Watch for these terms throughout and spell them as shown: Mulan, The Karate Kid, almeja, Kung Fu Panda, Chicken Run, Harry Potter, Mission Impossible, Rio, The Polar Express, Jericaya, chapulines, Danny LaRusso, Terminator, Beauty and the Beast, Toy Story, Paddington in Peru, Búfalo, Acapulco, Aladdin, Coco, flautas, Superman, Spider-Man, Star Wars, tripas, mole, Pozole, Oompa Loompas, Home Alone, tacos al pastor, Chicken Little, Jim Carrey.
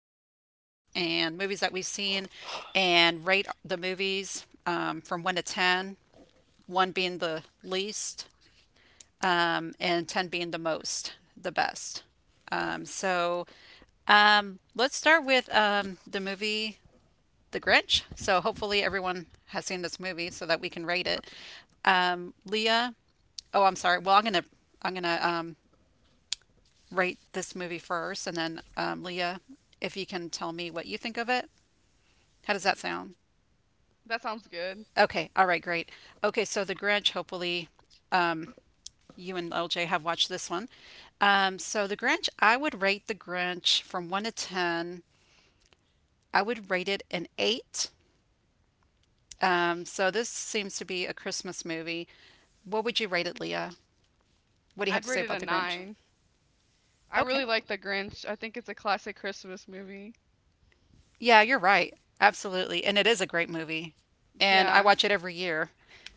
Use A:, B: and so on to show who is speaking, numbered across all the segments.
A: movies and movies that we've seen and rate the movies from 1 to ten, one being the least, and 10 being the most, the best. Um, so let's start with the movie The Grinch. So hopefully everyone has seen this movie so that we can rate it. Leah, oh, I'm sorry. Well, I'm gonna rate this movie first, and then, Leah, if you can tell me what you think of it. How does that sound?
B: That sounds good.
A: Okay, all right, great. Okay, so The Grinch, hopefully you and LJ have watched this one. So The Grinch, I would rate The Grinch from 1 to 10. I would rate it an 8. So this seems to be a Christmas movie. What would you rate it, Leah? What do you have
B: I'd
A: to say
B: rate it
A: about
B: a
A: The Grinch?
B: nine. I
A: Okay.
B: really like The Grinch. I think it's a classic Christmas movie.
A: Yeah, you're right. Absolutely. And it is a great movie. And I
B: Yeah,
A: watch it every year.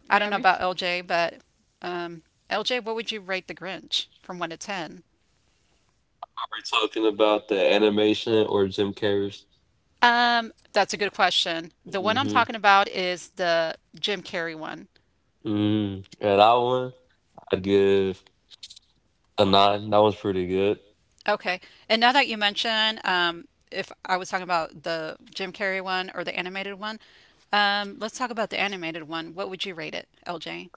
A: I don't
B: yeah,
A: know
B: me
A: about
B: too.
A: LJ, but um, LJ, what would you rate The Grinch from 1 to 10? That's a good question. The one I'm talking about is the Jim Carrey one. Okay. And now that you mention, if I was talking about the Jim Carrey one or the animated one, let's talk about the animated one. What would you rate it, LJ?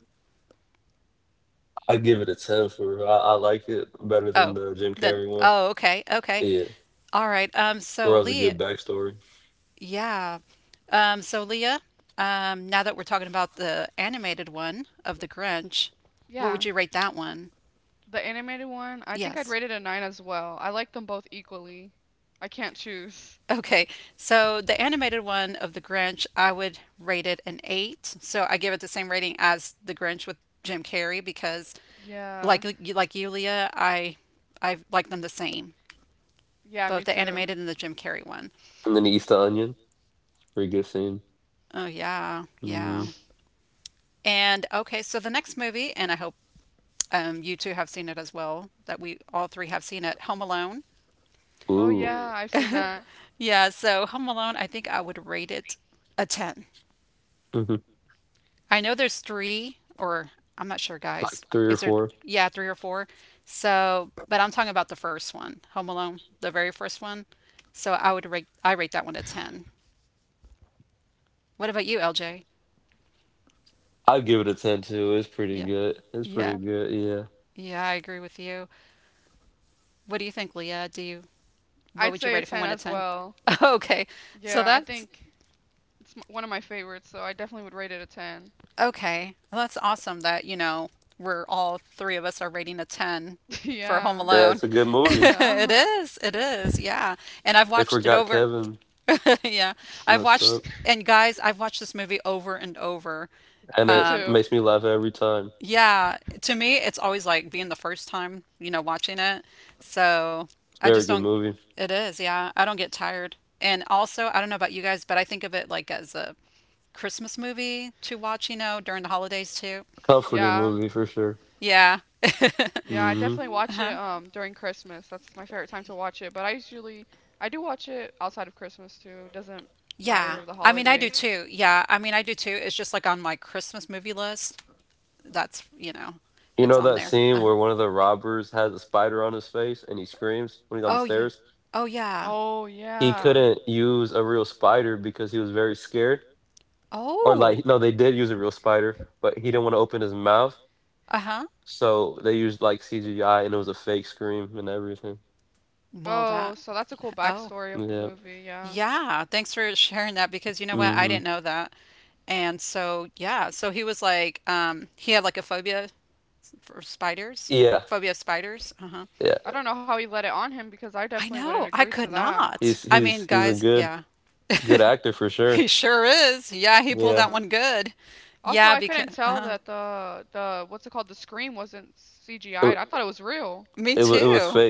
A: Oh, then. Oh, okay. Okay. All right. Yeah. So Leah, now that we're talking about the animated one of The Grinch, what would
B: Yeah,
A: you rate that one?
B: the animated one. I think I'd
A: Yes.
B: rate it a nine as well. I like them both equally. I can't choose.
A: Okay. So the animated one of The Grinch, I would rate it an eight. So I give it the same rating as The Grinch with Jim Carrey because,
B: Yeah,
A: like you, Leah, I like them the same,
B: yeah,
A: both
B: me
A: the
B: too.
A: animated and the Jim Carrey one. Oh yeah, yeah. And okay, so the next movie, and I hope you two have seen it as well, that we all three have seen it. Home Alone.
B: Oh yeah, I've seen that.
A: Yeah, so Home Alone, I think I would rate it a 10. I know there's three, or I'm not sure, guys. Is there, yeah, three or four? So, but I'm talking about the first one, Home Alone, the very first one. So I rate that one a 10. What about you, LJ? Yeah. Yeah. Yeah, I agree with you. What do you think, Leah? Do you what
B: I'd
A: would you
B: say a
A: rate it from
B: 10
A: 1 to
B: as
A: 10?
B: well.
A: Okay. So
B: Yeah, I
A: that's
B: think it's m- One of my favorites, so I definitely would rate it a 10.
A: Okay. Well, that's awesome that, you know, we're all three of us are rating a 10 for Home
B: Yeah,
A: Alone. It
B: yeah.
A: is. It is. Yeah. And I've watched it over. Yeah. I've watched, and guys, I've watched this movie over and over.
B: Me
A: Um,
B: too.
A: yeah. To me, it's always like being the first time, you know, watching it. So I just don't, it is. Yeah. I don't get tired. And also, I don't know about you guys, but I think of it like as a Christmas movie to watch, you know, during the holidays too.
B: Yeah.
A: Yeah.
B: Yeah, I definitely watch it
A: Uh-huh.
B: during Christmas. That's my favorite time to watch it. But I do watch it outside of Christmas too. Doesn't matter
A: Yeah.
B: of the
A: I mean, I do
B: holiday.
A: too. Yeah. I mean, I do too. It's just like on my Christmas movie list. That's, you know, it's on there. Uh-huh. Oh, yeah. Oh, yeah.
B: Oh yeah.
A: Oh. Uh-huh. Well,
B: Oh,
A: that.
B: so that's a cool
A: Oh,
B: backstory of the movie. Yeah.
A: yeah. Thanks for sharing that because you know what? I didn't know that. And so, yeah. So he was like, he had like a phobia for spiders, phobia of spiders. Uh-huh.
B: I don't know how he let it on him because I
A: I
B: definitely wouldn't
A: know.
B: agree
A: I
B: to
A: could
B: that.
A: not. I mean, guys, yeah. He sure is. Yeah, he pulled that
B: Yeah.
A: one good.
B: Also,
A: Yeah,
B: I
A: because
B: couldn't tell that the what's it called, the scream, wasn't CGI'd. I thought it was real.
A: me too.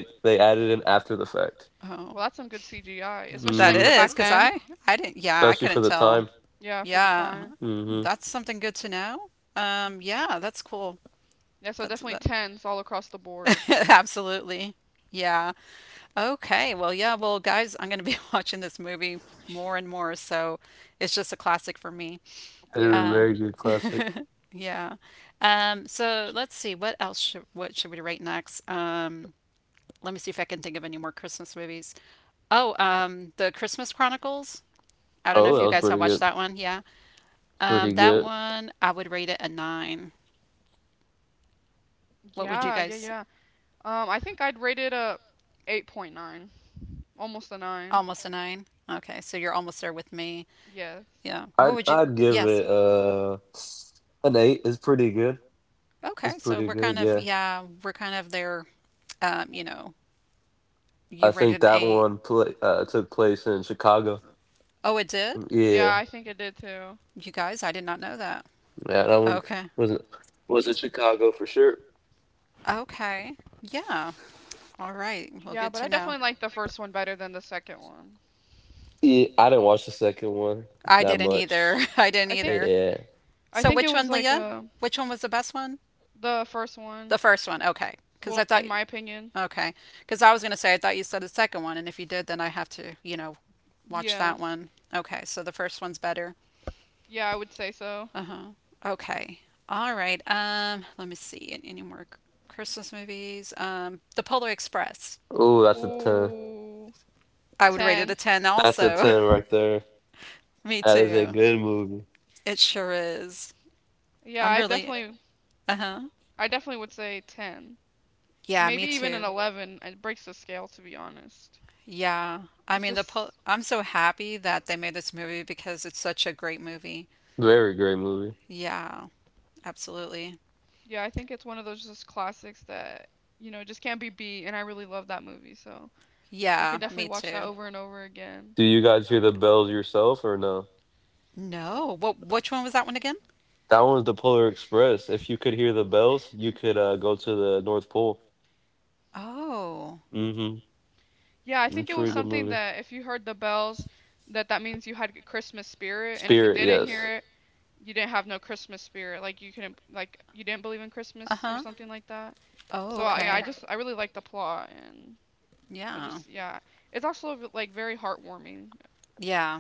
A: Oh,
B: Well, that's some good CGI, especially
A: that
B: like for
A: is
B: back
A: because
B: then.
A: I didn't. Yeah, I couldn't tell.
B: Yeah, for the
A: Yeah,
B: time.
A: that's something good to know. Yeah, that's cool.
B: Yeah, so
A: That's
B: definitely
A: that.
B: tens all across the board.
A: Absolutely. Yeah. Okay. Well, yeah. Well, guys, I'm gonna be watching this movie more and more, so it's just a classic for me.
B: Yeah.
A: Uh, Yeah. So let's see, what should we rate next? Let me see if I can think of any more Christmas movies. Oh, The Christmas Chronicles. I don't know if you guys
B: Oh.
A: have watched that one. Yeah. That one I would rate it a nine. What would you
B: Yeah, yeah,
A: guys?
B: yeah. I think I'd rate it a 8.9, almost a 9.
A: Almost a nine. Okay, so you're almost there with me.
B: Yes.
A: Yeah. What would you? Yes. Okay, so we're we're kind of there. You know, you rated an eight. Oh, it did?
B: Yeah, I think it did too.
A: You guys, I did not know that. Okay. Okay. Yeah. All right. Well,
B: Yeah,
A: good
B: but I
A: to know.
B: definitely liked the first one better than the second one.
A: I didn't either. I didn't
B: I think
A: either.
B: I
A: So,
B: think it
A: which one,
B: was like
A: Leah? Which one was the best one?
B: the first
A: The
B: one,
A: first one. Okay. Because I
B: well,
A: thought,
B: in my opinion.
A: okay. Because I was going to say, I thought you said the second one. And if you did, then I have to, you know, watch
B: Yeah.
A: that one. Okay. So the first one's better.
B: Yeah, I would say so.
A: Uh huh. Okay. All right. Let me see. Any more Christmas movies? The Polar Express.
B: Ooh,
A: I would rate it a
B: 10.
A: 10 also. Me too. It sure is.
B: Yeah,
A: I'm
B: I
A: really,
B: definitely
A: uh-huh.
B: I definitely would say 10.
A: Yeah, me
B: Maybe even an
A: too.
B: 11. It breaks the scale, to be honest.
A: Yeah. I
B: It's
A: mean, the
B: just,
A: po I'm so happy that they made this movie because it's such a great movie. Yeah, absolutely.
B: yeah, I think it's one of those just classics that, you know, just can't be beat. And I really love that movie, so I
A: Yeah,
B: can definitely
A: me
B: watch that
A: too.
B: over and over again.
A: No. What which one was that one again? Oh.
B: Yeah, I think it was
A: Uh-huh.
B: something that if you heard the bells, that means you had Christmas spirit, and if you didn't hear it, you didn't have no Christmas spirit. Like you couldn't, like you didn't believe in Christmas or
A: Uh-huh.
B: something like that.
A: Oh,
B: So I, yeah, I
A: okay.
B: just I really like the plot, and I
A: Yeah.
B: just yeah, it's also like very heartwarming.
A: Yeah.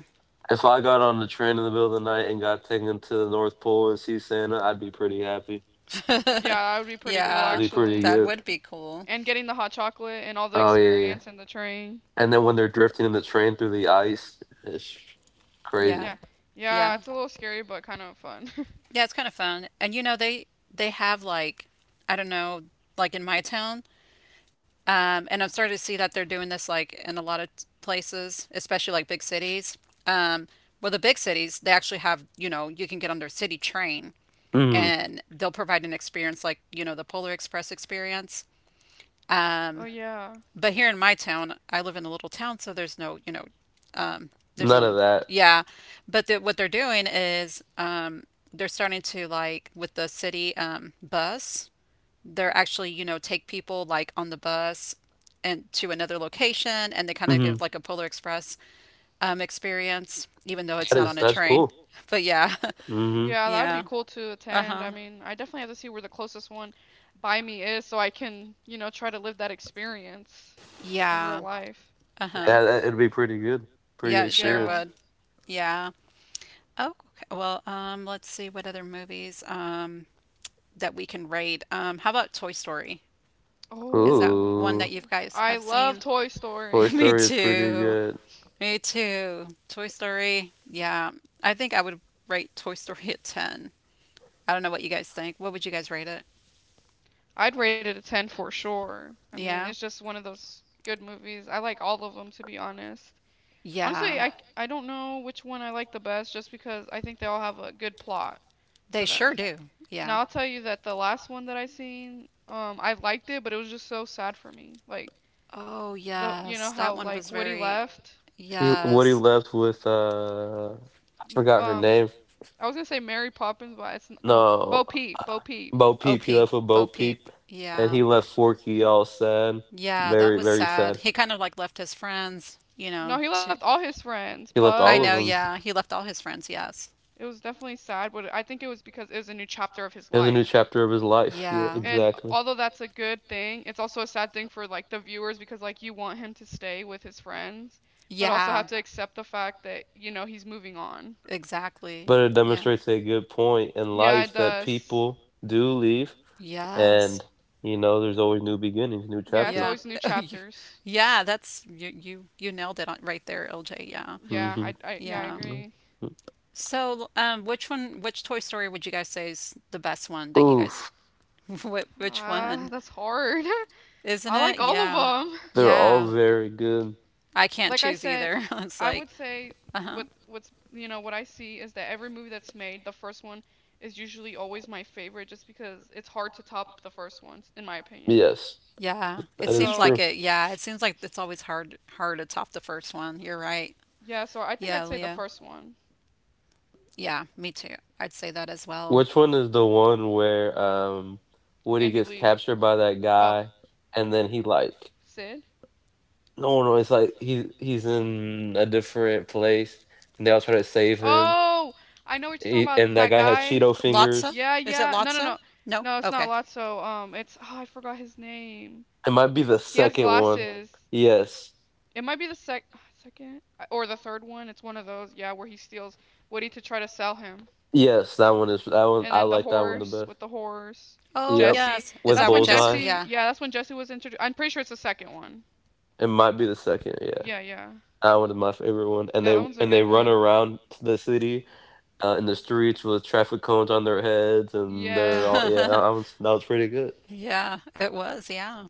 B: Yeah, that would be pretty cool
A: Yeah.
B: actually.
A: That would be cool.
B: And getting the hot chocolate and all the experience and the train.
A: Yeah.
B: Yeah. Yeah,
A: Yeah.
B: it's a little scary but kind of fun.
A: Yeah, it's kind of fun. And you know, they have like I don't know, like in my town, and I'm starting to see that they're doing this like in a lot of places, especially like big cities. Um, well, the big cities, they actually have, you know, you can get on their city train and they'll provide an experience like, you know, the Polar Express experience.
B: Oh
A: Um,
B: yeah.
A: but here in my town, I live in a little town, so there's no, you know, um, there's no, yeah. But the, what they're doing is they're starting to like with the city bus. They're actually, you know, take people like on the bus and to another location, and they kind of give like a Polar Express experience, even though it's not on a train. But yeah,
B: Yeah, that would be
A: yeah,
B: cool to
A: uh
B: attend. I
A: huh,
B: mean, I definitely have to see where the closest one by me is so I can, you know, try to live that experience in real
A: yeah,
B: life.
A: uh huh, yeah. It sure
B: Yeah.
A: would. Yeah. Oh, okay. Well, let's see what other movies. That we can rate. How about Toy Story? Is that one that you
B: Oh,
A: guys
B: I
A: have
B: love
A: seen?
B: Toy Story.
A: Me too. Me too. Toy Story. Yeah. I think I would rate Toy Story at 10. I don't know what you guys think. What would you guys rate it?
B: I'd rate it a 10 for sure. I mean, it's
A: Yeah.
B: just one of those good movies. I like all of them, to be honest. Honestly,
A: Yeah.
B: I, I don't know which one I like the best just because I think they all have a good plot
A: They
B: to them.
A: sure
B: Sure.
A: do. Yeah.
B: Now I'll tell you that the last one that I seen, I liked it, but it was just so sad for me. Like
A: Oh,
B: the, you know
A: yes.
B: how
A: That one
B: like
A: was
B: Woody
A: very.
B: left.
A: Yes.
B: M- Um, I was gonna say Mary Poppins, but it's n- I don't. Bo Peep, Bo Peep.
A: OP. Bo Peep. Yeah. Yeah, that was sad. He kind of like left his friends, you know,
B: No, he left
A: to
B: all his friends.
A: I know,
B: Buzz.
A: yeah. He left all his friends, yes.
B: It was definitely sad, but I think it was because it was a new chapter of his life.
A: Yeah.
B: And although that's a good thing, it's also a sad thing for like the viewers because like you want him to stay with his friends, but also
A: Yeah,
B: have to accept the fact that, you know, he's moving on.
A: exactly. Yeah.
B: Yeah, it does.
A: Yes.
B: Yeah, it's
A: Yeah.
B: always new
A: Oh, you-
B: chapters.
A: yeah, that's you nailed it on, right there, LJ. Yeah.
B: Yeah, I yeah, I
A: Yeah.
B: agree.
A: So, which Toy Story would you guys say is the best one that you guys what which
B: Ah,
A: one?
B: that's hard.
A: Isn't
B: I
A: it?
B: like all of
A: Yeah.
B: them.
A: Yeah. I can't
B: Like I
A: choose
B: said,
A: either. It's
B: I
A: like,
B: would say
A: uh-huh.
B: what what's you know what I see is that every movie that's made, the first one is usually always my favorite just because it's hard to top the first ones in my opinion.
A: Yeah, it seems like
B: So
A: it. Yeah, it seems like it's always hard to top the first one. You're right.
B: yeah, so I think I'd
A: Yeah,
B: say the
A: Leah.
B: first one.
A: Yeah, me too. I'd say that as well.
B: Andy Leaf. Oh, Sid? Oh, I know what you're talking about. That guy.
A: Lotsa?
B: Yeah,
A: Is it
B: yeah. No, no,
A: Lotsa?
B: no.
A: No?
B: No, it's not
A: Okay.
B: Lotso. It's oh, I forgot his name. He has glasses. It might be the second or the third one. It's one of those. Yeah, where he steals Woody to try to sell him. And then the horse with the horse.
A: Oh,
B: Jesse.
A: yes. Is
B: That's
A: that where
B: when
A: Jessica?
B: Jesse.
A: Yeah.
B: Yeah, that's when Jesse was introduced. I'm pretty sure it's the second one. Yeah, yeah. Yeah, that one's a good one. Yeah.
A: Yeah, it was. Yeah.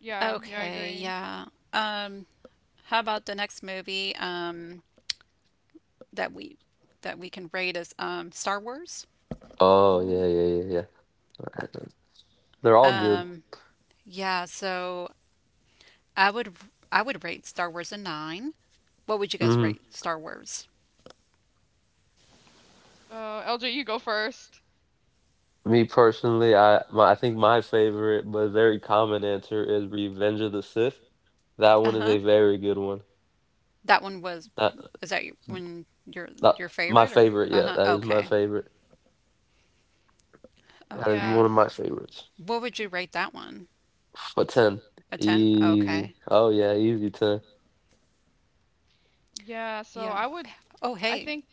B: Yeah, yeah, I
A: Okay,
B: agree.
A: yeah. Um, how about the next movie that we that we can rate is Star Wars?
B: Oh, yeah.
A: Um, yeah, so I would I would rate Star Wars a 9. What would you guys rate Star Wars?
B: LJ, you go first.
A: Uh huh. That one was when your favorite or uh huh? Okay, okay.
B: Yes.
A: What would you rate that one? A ten? Okay.
B: Yeah, so
A: Yeah.
B: I would,
A: Oh
B: I
A: hey.
B: think,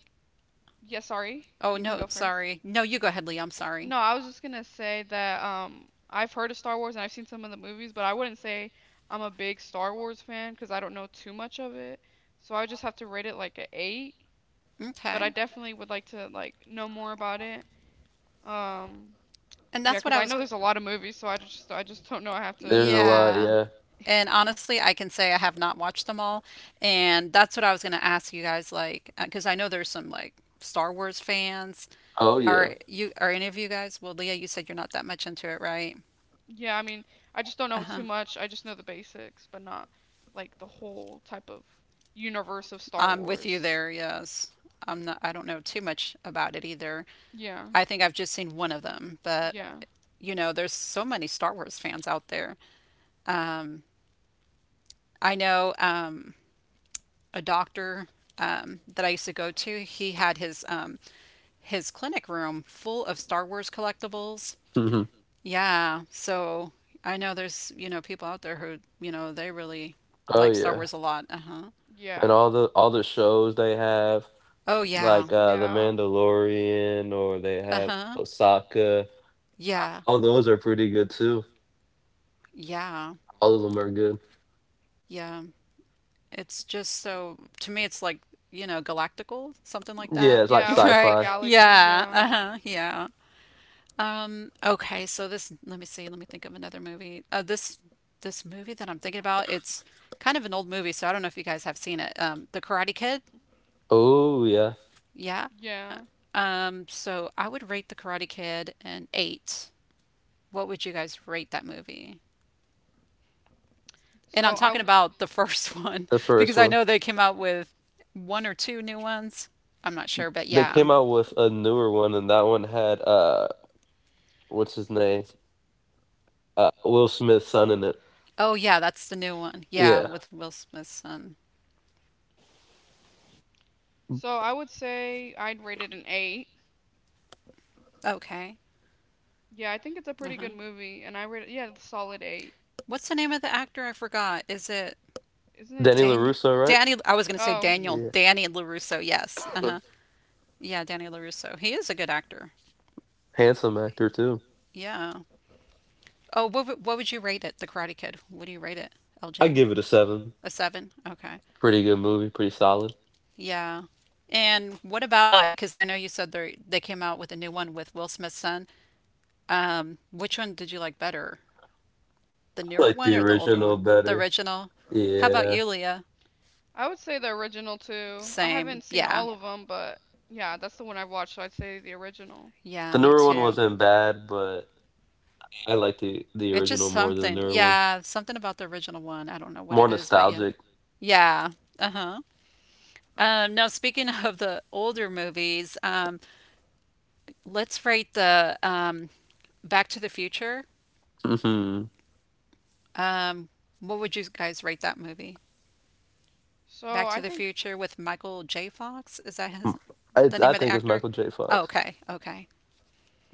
B: yeah, sorry,
A: Oh
B: You can
A: no,
B: go first.
A: sorry. No, you go ahead, Lee. I'm sorry.
B: No, I was just gonna say that I've heard of Star Wars and I've seen some of the movies, but I wouldn't say I'm a big Star Wars fan because I don't know too much of it. So I would just have to rate it like a eight, but I
A: Okay.
B: definitely would like to like know more about it. Um,
A: And
B: yeah,
A: that's what
B: because
A: I
B: I
A: was.
B: know there's a lot of movies, so I just don't know. I have to,
A: Yeah. And honestly, I can say I have not watched them all. And that's what I was going to ask you guys, like, because I know there's some, like, Star Wars fans
B: yeah.
A: Are you are any of you guys? Well, Leah, you said you're not that much into it, right?
B: Yeah, I mean, I just don't know
A: Uh-huh.
B: too much. I just know the basics, but not like the whole type of universe of Star
A: I'm with you
B: Wars.
A: there, yes. I don't know too much about it either.
B: Yeah,
A: I think I've just seen one of them, but
B: yeah,
A: you know, there's so many Star Wars fans out there. Um, I know a doctor that I used to go to, he had his clinic room full of Star Wars collectibles. Yeah, so I know there's, you know, people out there who, you know, they really like Star Wars a lot. Uh-huh.
B: yeah,
A: Oh, yeah.
B: yeah,
A: Uh-huh. Yeah. Yeah. Yeah. It's just so to me it's like, you know, galactical, something like that.
B: yeah. What's a
A: Right?
B: galaxy?
A: Yeah.
B: Yeah,
A: Uh-huh. Yeah. Okay, so this let me see, let me think of another movie. This movie that I'm thinking about, it's kind of an old movie, so I don't know if you guys have seen it. The Karate Kid. Yeah.
B: yeah.
A: So I would rate The Karate Kid an 8. What would you guys rate that movie? And
B: So
A: I'm
B: I,
A: talking
B: w-
A: about the first one because I know they came out with one or two new ones. I'm not sure, but yeah. Oh, yeah, that's the new one. Yeah, with Will Smith's son.
B: so I would say I'd rate it an eight.
A: Okay.
B: Yeah, I think it's a pretty good
A: Uh-huh.
B: movie, and I rate it yeah, a solid eight.
A: What's the name of the actor? I forgot. Is it
B: Isn't it
A: Daniel?
B: Jackie?
A: Danny, I was going to say
B: Oh,
A: Daniel. Danny LaRusso, yes. Uh-huh. Yeah, Danny LaRusso. He is a good actor. Yeah. What would you rate it, The Karate Kid? What do you rate it, LJ? A seven? Okay. Yeah. And what about like, because I know you said they came out with a new one with Will Smith's son. Which one did you like better? The newer one or the older one? The original. How about you, Leah?
B: I would say the original too. I
A: Same.
B: haven't seen
A: Yeah.
B: all of them, but yeah, that's the one I've watched, so I'd say the original.
A: Yeah, me too. It's just something. Yeah, something about the original one. I don't know what it is, but yeah. Yeah. Uh-huh. Now speaking of the older movies, let's rate the Back to the Future. Um, what would you guys rate that movie?
B: So
A: Back to
B: I
A: the
B: think
A: Future with Michael J. Fox. The name of the actor? Oh, okay. Okay.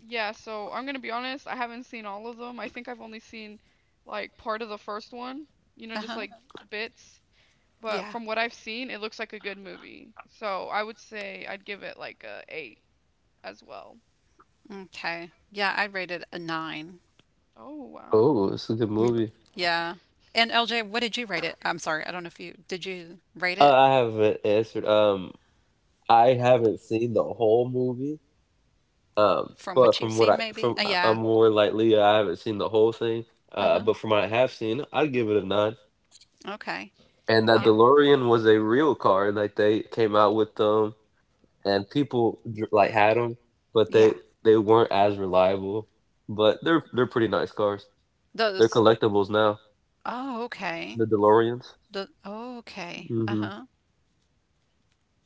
B: Yeah, so I'm gonna be honest, I haven't seen all of them. I think I've only seen like part of the first one, you know,
A: Uh
B: just
A: huh.
B: like bits. But
A: Yeah.
B: from what I've seen, it looks like a good movie. So I would say I'd give it like a eight as well.
A: Okay. Yeah, I rated a nine.
B: Oh wow.
A: Mm, Yeah. And LJ, what did you rate it? I'm sorry, I don't know if you did you rate it from what you've seen, maybe? Yeah. Uh huh. Okay.
B: Yeah,
A: Uh, yeah. Those. Oh, okay. The okay. Uh huh.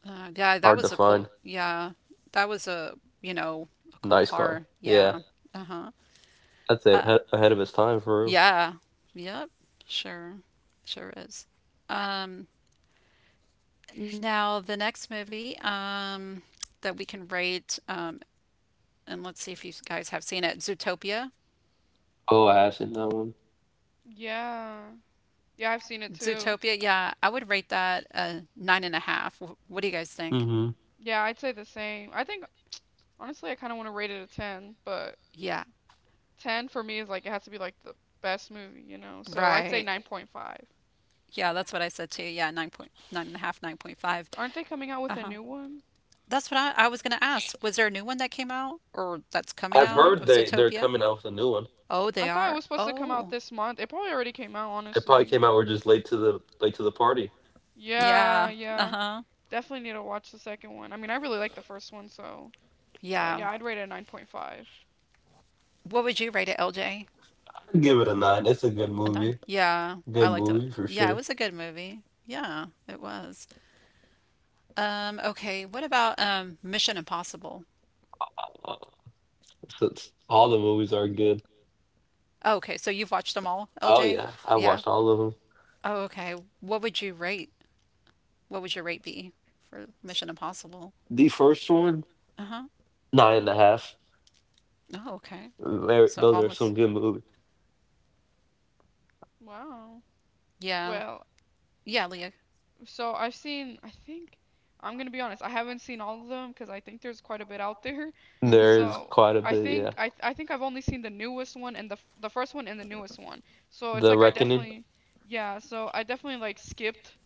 A: Yeah, that was a cool. Yeah, that was a you know a cool car. Yeah. Uh-huh. Uh Yeah. Yep. Sure. Sure is. Um, Now the next movie that we can rate, and let's see if you guys have seen it, Zootopia.
B: yeah, yeah. I've seen it too.
A: Zootopia. Yeah, I would rate that a 9.5. What do you guys think?
B: Yeah, I'd say the same. I think Honestly, I kind of want to rate it a 10, but
A: Yeah.
B: 10 for me is like it has to be like the best movie, you know. So I'd say
A: Right.
B: 9.5.
A: Yeah, that's what I said too. Yeah, 9.9 and a half, 9.5.
B: Aren't they coming out with a
A: Uh-huh.
B: new one?
A: That's what I was going to ask. Was there a new one that came out or that's coming
B: I don't
A: out
B: know.
A: of Zootopia? Oh,
B: I
A: they
B: thought it
A: are.
B: was supposed to come out
A: Oh,
B: this month. It probably already came out, honestly. Yeah,
A: yeah. Uh
B: yeah.
A: huh.
B: Definitely need to watch the second one. I mean, I really like the first one, so
A: Yeah.
B: yeah, I'd rate it a 9.5.
A: What would you rate it, LJ? a 9. Yeah, I liked it. Yeah, it was a good movie. Yeah, it was. Okay, what about Mission Impossible? Oh, okay, so you've watched them all, LJ? Yeah. Oh, okay. What would you rate? What would your rate be for Mission Impossible? Uh huh. Oh, okay. So almost.
B: Wow.
A: Yeah,
B: Well,
A: Yeah, Leah.
B: so I've seen, I'm gonna be honest, I haven't seen all of them because I think there's quite a bit out there.
A: Mm-hmm.
B: So I think I've only seen the newest one and the f- the first one and the newest one. So it's like I definitely like skipped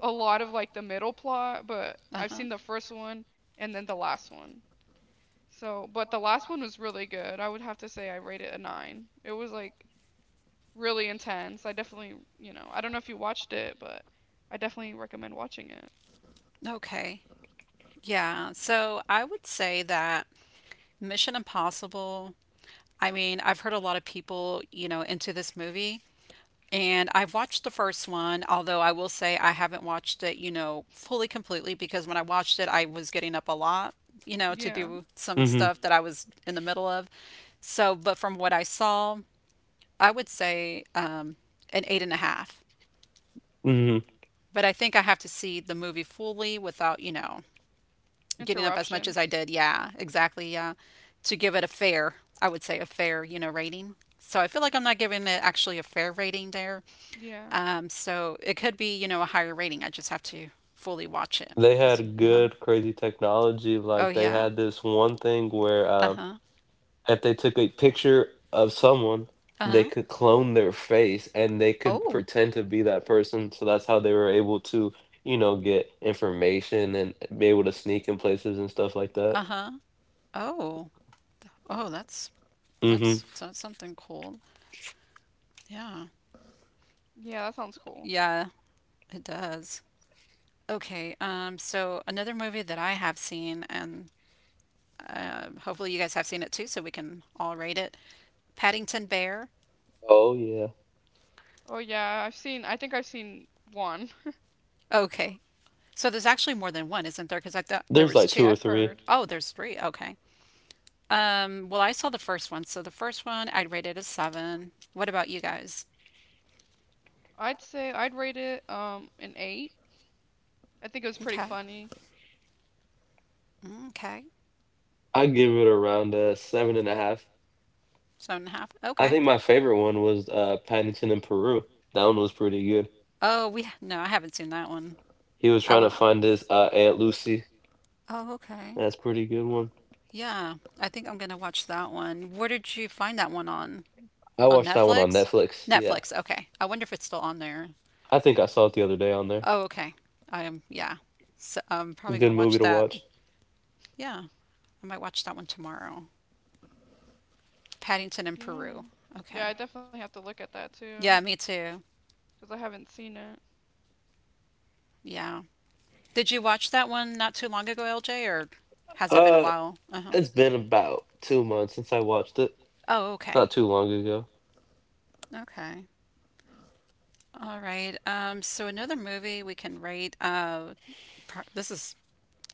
B: a lot of like the middle plot, but I've
A: Uh-huh.
B: seen the first one and then the last one. So, but the last one was really good. I would have to say I rate it a nine. It was like really intense. I definitely, you know, I don't know if you watched it, but I definitely recommend watching it.
A: Okay. Yeah. So I would say that Mission Impossible, I mean, I've heard a lot of people, you know, into this movie, and I've watched the first one, although I will say I haven't watched it, you know, fully completely because when I watched it, I was getting up a lot, you know, to
B: Yeah.
A: do some stuff that I was in the middle of. So, but from what I saw, I would say an 8.5. But I think I have to see the movie fully without, you know, getting up as much as I
B: Interruptions.
A: did. Yeah, exactly. Yeah. To give it a fair, I would say a fair, you know, rating. So I feel like I'm not giving it actually a fair rating there.
B: Yeah.
A: So it could be, you know, a higher rating. I just have to fully watch it. It's- Uh-huh. Oh, yeah. Uh-huh. Uh-huh. Oh. Uh-huh. Oh. Oh, that's that's something cool. Yeah.
B: Yeah, that sounds cool.
A: Yeah, it does. Okay, so another movie that I have seen, and hopefully you guys have seen it too, so we can all rate it. Paddington Bear.
B: Oh yeah, I think I've seen one.
A: Okay, so there's actually more than one, isn't there? Because I thought there was
B: Yeah,
A: two.
B: I've heard.
A: Oh, there's three. Okay. Well, I saw the first one, so the first one I'd rate it a 7. What about you guys?
B: I'd say I'd rate it an eight. I think it was pretty
A: Okay.
B: funny.
A: Okay. 7.5. Okay. Oh, we no, I haven't seen that one. I was. Oh, okay. Yeah, I think I'm gonna watch that one. Where did you find that one on? On Netflix? Netflix, okay. I wonder if it's still on there. Oh, okay. I am, yeah. So I'm probably gonna watch that. Yeah, I might watch that one tomorrow. Paddington in
B: Yeah.
A: Peru.
B: Yeah, I
A: Okay.
B: definitely have to look at that too,
A: Yeah, me too.
B: because I haven't seen it.
A: Yeah. Did you watch that one not too long ago, LJ, or has it been a while? Uh-huh. Oh, okay. Okay. All right. So another movie we can rate. Par- this is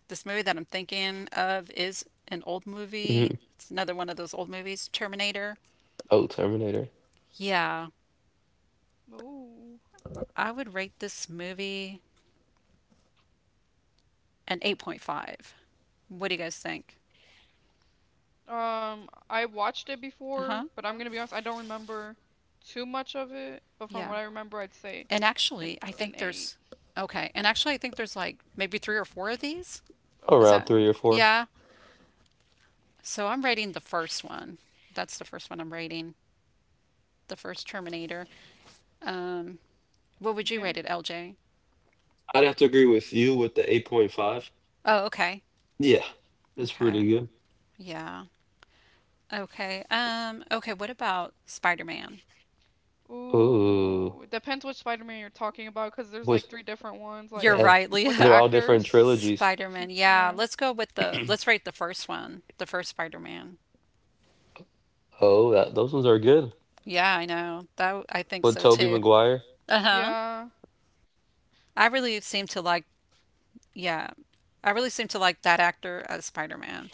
A: This movie that I'm thinking of is an old movie. It's another one of those old movies, Terminator. Yeah,
B: Oh.
A: I would rate this movie an 8.5. What do you guys think?
B: I watched it
A: Uh
B: before,
A: huh.
B: but I'm gonna be honest, I don't remember too much of it. But from
A: Yeah.
B: what I remember, I'd say
A: And
B: an
A: actually, I
B: an
A: think
B: eight.
A: there's, okay. And actually, I think there's like maybe three or four of these.
B: Oh
A: Is that,
B: wow.
A: yeah. So I'm rating the first one. That's the first one I'm rating, the first Terminator. Um, what would you
B: Yeah.
A: rate it, LJ? Oh, okay. Okay. Yeah. Okay. Okay, what about Spider-Man?
B: Ooh, it depends which Spider-Man you're talking about, because there's like three different ones, like
A: You're right,
B: with the
A: Leah.
B: actors.
A: Spider-Man. Yeah,
B: Yeah.
A: let's rate the first one, the first Spider-Man. Yeah, I know. I think so too. Uh-huh.
B: Yeah.
A: I really seem to like yeah. I really seem to like that actor as Spider-Man.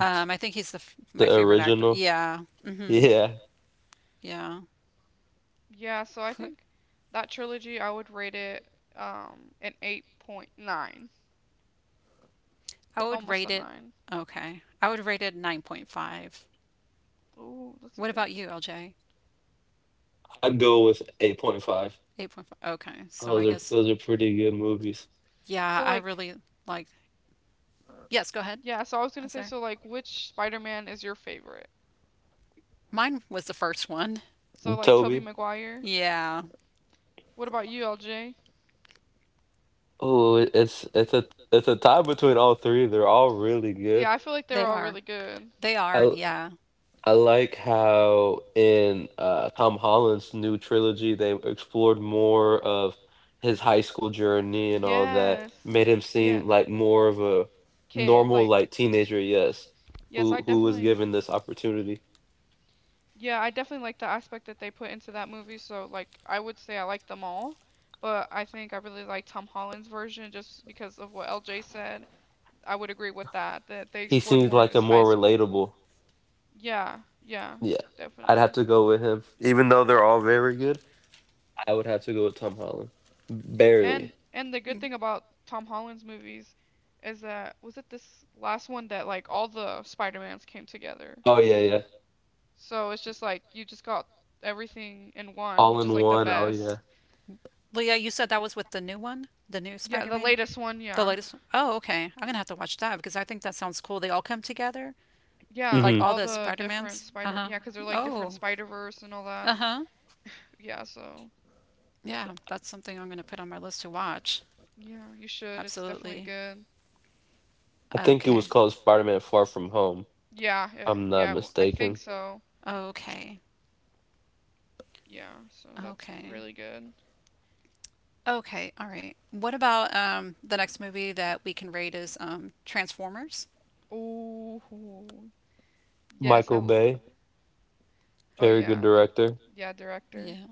A: I think he's the f my favorite actor. Yeah. Mm-hmm. Yeah.
B: Yeah. So I
A: Put-
B: think that trilogy, I would rate it an 8.9,
A: I would
B: almost
A: rate
B: a
A: it
B: 9.
A: okay. I would rate it 9.5.
B: Ooh, that's a
A: What
B: good
A: about
B: one.
A: you, LJ? 8.5. Okay. So I guess
B: So
A: Yeah, I
B: like
A: really like. Yes, go ahead.
B: Yeah, so I was gonna
A: I'm
B: say,
A: sorry.
B: so like, which Spider-Man is your favorite?
A: Mine was the first one.
B: So like, Tobey Maguire.
A: Yeah,
B: What about you, LJ? Yeah, I feel like they're
A: they
B: all
A: are.
B: really good.
A: They are, yeah.
B: Yes, yes. Kid, like, yes, I definitely, yeah, I definitely like the aspect that they put into that movie. So like, I would say I like them all, but I think I really like Tom Holland's version just because of what LJ said. I would agree with that, that they explored more of his high school. Yeah, yeah, definitely. And the good
A: Mhm.
B: thing about Tom Holland's movies is that was it this last one that like all the Spider-Mans came together. So it's just like you just got everything in one, which is like the best.
A: Leah, you said that was with the new one? The new
B: Yeah,
A: Spider
B: the
A: Man?
B: latest one,
A: The
B: yeah.
A: latest one? Oh, okay. I'm going to have to watch that because I think that sounds cool. They all come together,
B: Yeah,
A: like all
B: all
A: the
B: the
A: Spider
B: different
A: Mans. Uh
B: Spider,
A: huh.
B: Yeah, because 'cause they're like different
A: Oh,
B: Spider-Verse and all that.
A: uh huh.
B: Yeah, so
A: Yeah, that's something I'm going to put on my list to watch.
B: yeah, you should. It's definitely
A: Absolutely.
B: good.
A: Okay.
B: I think so.
A: Okay.
B: Yeah, so that's
A: Okay.
B: really good.
A: Okay, all right. What about the next movie that we can rate is Transformers?
B: Oh, yes, I love. Oh yeah, the yeah, director.
A: Yeah.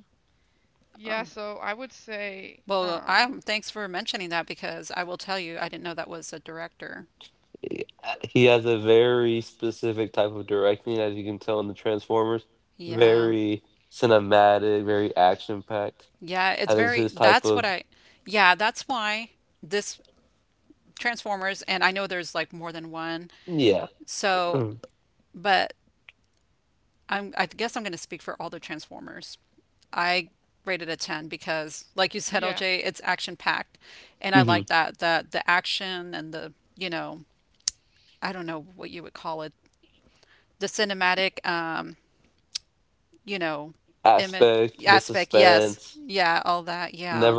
B: Yeah,
A: Um,
B: so I would say
A: well, I thanks for mentioning that because I will tell you I didn't know that was a director. Yeah. Yeah, it's very that's what I yeah, that's why this Transformers and I know there's like more than one. So, but I guess I'm going to speak for all the Transformers. I rated a 10 because like you said
B: yeah,
A: OJ it's action packed and I like that the action and the you know I don't know what you would call it the cinematic you know image aspect yes yeah all that yeah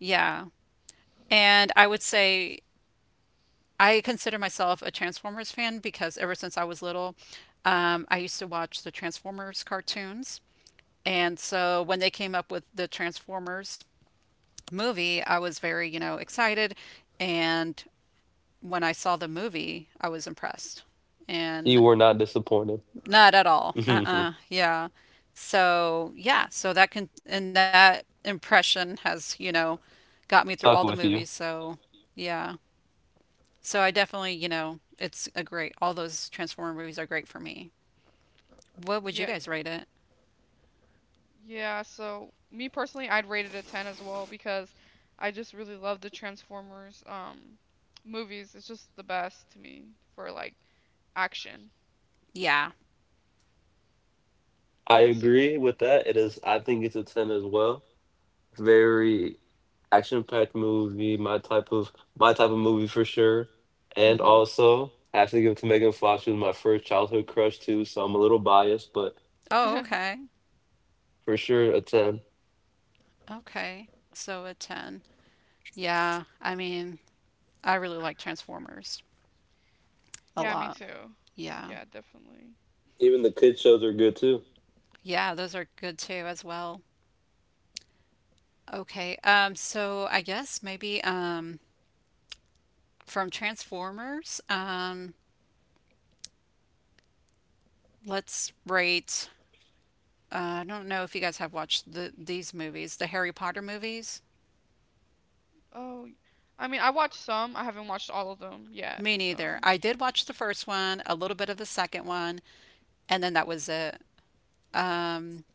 A: yeah and I would say I consider myself a Transformers fan because ever since I was little I used to watch the Transformers cartoons and so when they came up with the Transformers movie, I was very, you know, excited. And when I saw the movie, I was impressed. And You were not disappointed. Not at all. Uh-uh. Yeah. So, yeah, so that can and that impression has, you know, got me through all the movies. So, yeah. So I definitely, you know, it's a great all those Transformer movies are great for me. What would you
B: yeah,
A: guys rate it?
B: yeah, so me personally I'd rate it a 10 as well because I just really love the Transformers movies. It's just the best to me for like action.
A: Yeah.
B: Yeah, so
A: Mhm. Oh, okay. Okay. So a 10. Yeah, I mean, I really like Transformers a
B: yeah, me
A: lot.
B: too.
A: Yeah.
B: Yeah, definitely.
A: Yeah, those are good too as well. Okay. So I guess maybe from Transformers, let's rate I don't know if you guys have watched these movies, the Harry Potter movies.
B: Oh, I mean, I watched some. I haven't watched all of them yet,
A: Me neither.
B: so
A: I did watch the first one, a little bit of the second one, and then that was it. Um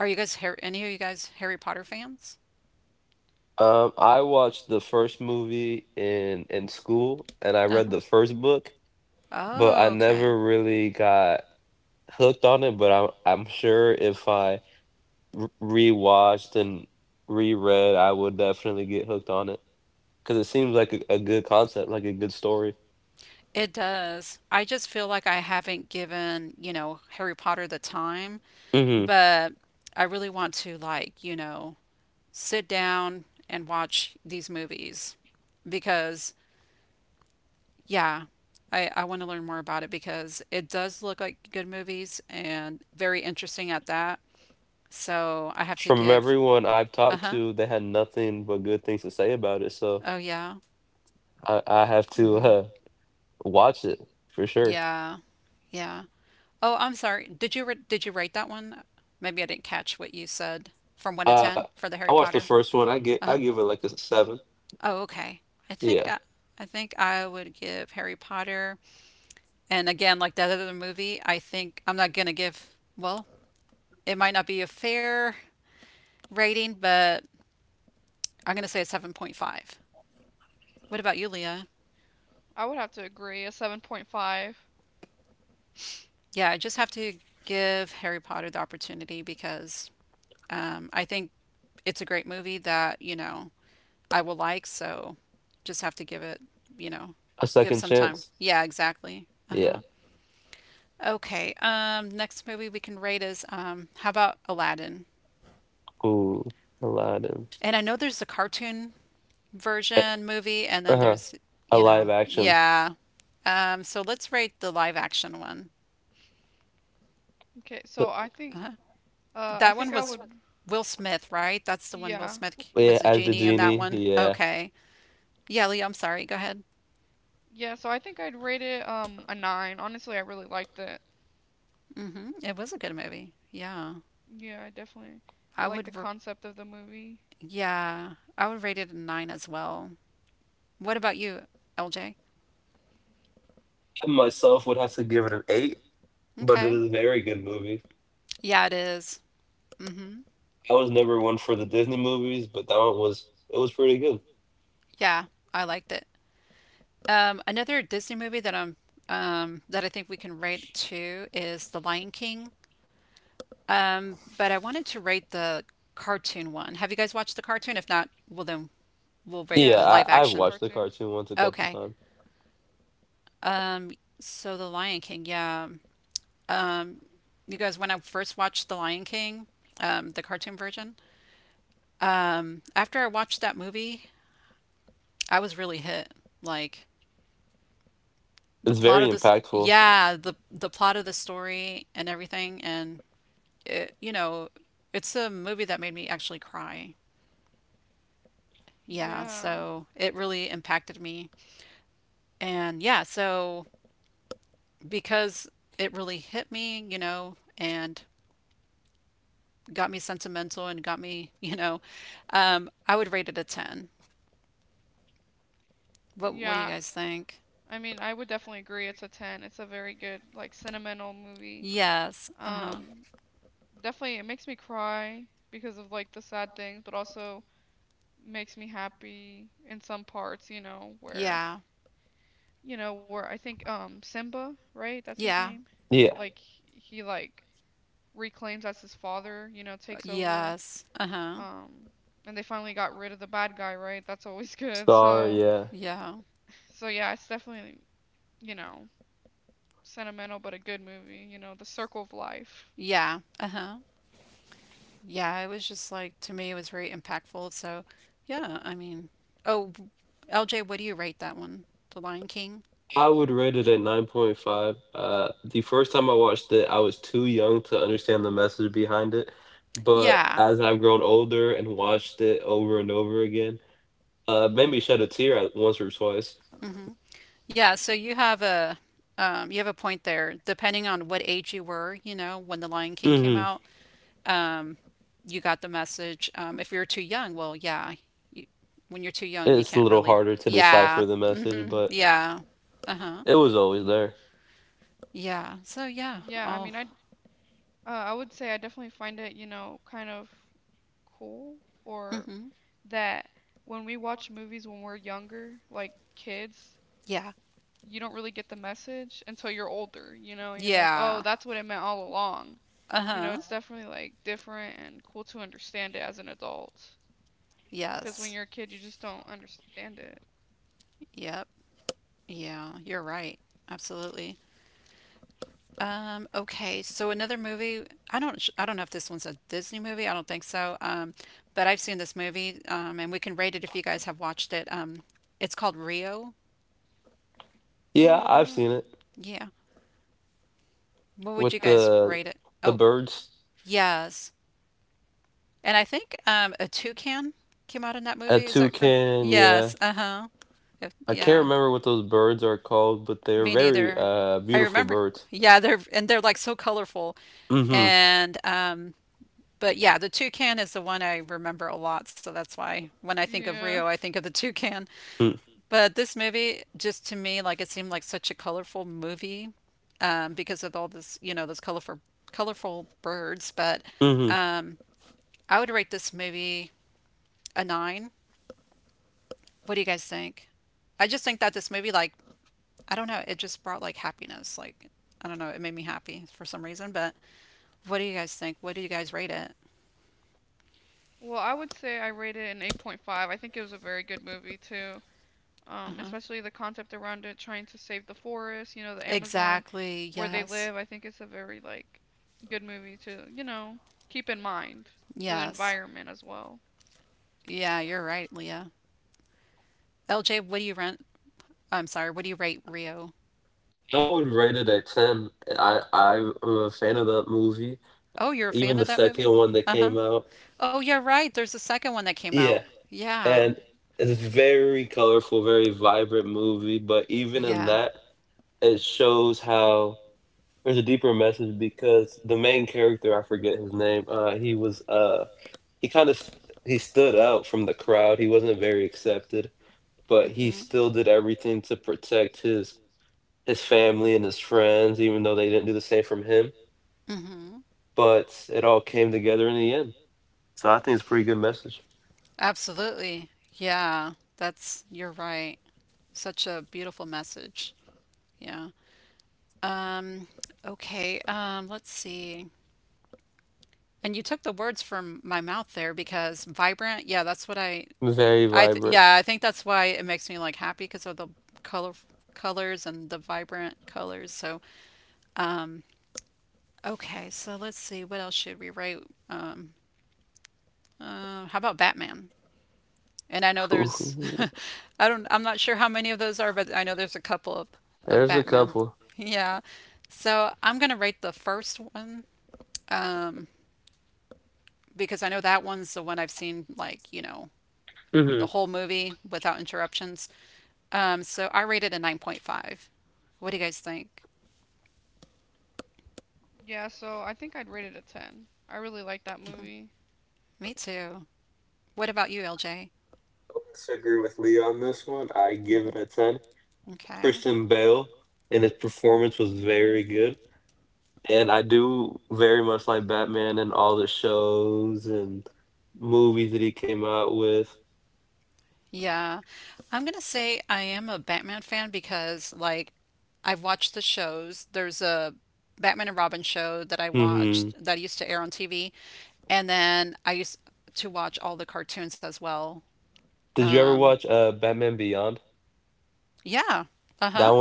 A: are you guys any of you guys Harry Potter fans? Uh-huh. Oh, okay. It does. I just feel like I haven't given, you know, Harry Potter the time, but I really want to, like, you know, sit down and watch these movies because, yeah, I want to learn more about it because it does look like good movies and very interesting at that. So I have to give, uh-huh. Oh, yeah. hmm Yeah, yeah. Oh, I'm sorry. Did you rate that one? Maybe I didn't catch what you said from 1 to 10 for the Harry Potter. Uh-huh. Oh, okay. I think I, I think I would give Harry Potter. And again, like that other movie, I think I'm not gonna give, well, it might not be a fair rating, but I'm gonna say a 7.5. What about you, Leah?
B: I would have to agree a 7.5.
A: Yeah, I just have to give Harry Potter the opportunity because I think it's a great movie that I will like. So just have to give it, you know, give some time. Yeah, exactly. Uh huh. Okay. Next movie we can rate is how about Aladdin? And I know there's a cartoon version movie, and then there's, yeah. So let's rate the live action one.
B: Okay, so
A: Uh-huh.
B: I
A: That one
B: think
A: was Will Smith, right? That's the one Will
B: yeah.
A: Smith was the genie in that one. Okay. Yeah, Leo, I'm sorry. Go ahead.
B: Yeah, so I think I'd rate it a nine. Honestly, I really liked it.
A: Hmm. It was a good movie. Yeah.
B: Yeah, I definitely
A: I
B: I like
A: would
B: the concept of the movie.
A: Yeah, I would rate it a nine as well. What about you, LJ? Okay. Yeah, it is. Mm-hmm. Yeah, I liked it. Another Disney movie that I think we can rate too is The Lion King. But I wanted to rate the cartoon one. Have you guys watched the cartoon? If not, well then we'll rate the
B: Yes, I
A: live
B: watched the
A: action.
B: cartoon.
A: Okay. Um, so The Lion King, yeah. um, you guys, when I first watched The Lion King, the cartoon version, after I watched that movie, I was really hit. Like the plot of this, yeah, the plot of the story and everything, and it, it's a movie that made me actually cry. Yeah,
B: Yeah.
A: so it really impacted me, and yeah, so because it really hit me, you know, and got me sentimental and got me, you know, I would rate it a ten. What do you
B: Yeah.
A: guys think?
B: I mean, I would definitely agree it's a 10. It's a very good like sentimental movie.
A: Yes. Uh huh.
B: Um Definitely it makes me cry because of like the sad things, but also makes me happy in some parts, you know, where
A: Yeah.
B: you know, where I think Simba, right? That's his
A: Yeah.
B: name. Like he like reclaims as his father, you know, takes over.
A: Yes. Uh huh.
B: Um and they finally got rid of the bad guy, right? That's always good. So
A: Yeah.
B: so yeah, it's definitely, you know, sentimental but a good movie, you know, The Circle of Life.
A: Yeah. Uh huh. Yeah. It was just like to me, it was very impactful. So, yeah. I mean, oh, LJ, what do you rate that one? The Lion King. Yeah. Hmm. Yeah. So you have a point there. Depending on what age you were, you know, when The Lion King came out, um, you got the message. If you're too young, well, yeah, you, when you're too young, you can't really. Yeah. Hmm. Yeah. Uh huh. Yeah. So yeah.
B: Yeah, I
A: Oh.
B: mean I I would say I definitely find it, you know, kind of cool or
A: Hmm.
B: that when we watch movies when we're younger, like kids,
A: Yeah.
B: you don't really get the message until you're older, you know, and you're like, oh, yeah,
A: Yeah.
B: that's what it meant all along.
A: Uh
B: You know,
A: huh.
B: it's uh-huh, definitely like different and cool to understand it as an adult. Because when
A: Yes.
B: you're a yes, kid, you just don't understand it.
A: Yep. Yeah. You're right. Absolutely. Okay, so another movie. I don't know if this one's a Disney movie. I don't think so. But I've seen this movie, and we can rate it if you guys have watched it. It's called Rio.
B: Oh, yeah, yeah.
A: Yeah, what would you
B: I,
A: guys rate it? Oh, yes. And I think a toucan came out in that movie. Is that correct? Yes. Uh huh. Yeah. Me neither. I remember. Yeah, they're and they're like so colorful. And but yeah, the toucan is the one I remember a lot. So that's why when I think of Rio,
B: yeah.
A: I think of the toucan. But this movie, just to me, like it seemed like such a colorful movie because of all this, you know, those colorful birds. But um, I would rate this movie a nine. What do you guys think? I just think that this movie, like, I don't know, it just brought like happiness. Like, I don't know, it made me happy for some reason. But what do you guys think? What do you guys rate it?
B: Well, I would say I rated it an 8.5. I think it was a very good movie, too.
A: Uh-huh.
B: Especially the concept around it, trying to save the forest, you know, the Amazon, mhm,
A: Exactly.
B: where they
A: Yes.
B: live. I think it's a very, like, good movie to, you know, keep in mind for the
A: Yes.
B: environment as well.
A: Yeah, you're right, Leah. LJ, what do you rent? I'm sorry, what do you rate Rio? Oh, you're a fan of that movie? Uh-huh. Oh, yeah, right. There's a second one that came out. Yeah. Yeah. Mm-hmm. Mm-hmm. Absolutely. Yeah. That's, you're right. Such a beautiful message. Yeah. Um, okay. Let's see. And you took the words from my mouth there because vibrant, yeah, that's what I th yeah, I think that's why it makes me like happy because of the color colors and the vibrant colors. So, um, okay, so let's see, what else should we write? Um, how about Batman? And I know there's, I'm not sure how many of those are, but I know there's a couple of Batman. Yeah. So I'm gonna rate the first one, um, because I know that one's the one I've seen like, you know, the whole movie without interruptions. So I rated a 9.5. What do you guys think?
B: Yeah, so I think I'd rate it a 10. I really like that
A: Mhm.
B: movie.
A: Me too. What about you, LJ? Okay. Yeah. I'm going to say I am a Batman fan because, like, I've watched the shows. There's a Batman and Robin show that I watched that used to air on TV. And then I used to watch all the cartoons as well. Um, yeah. Uh huh.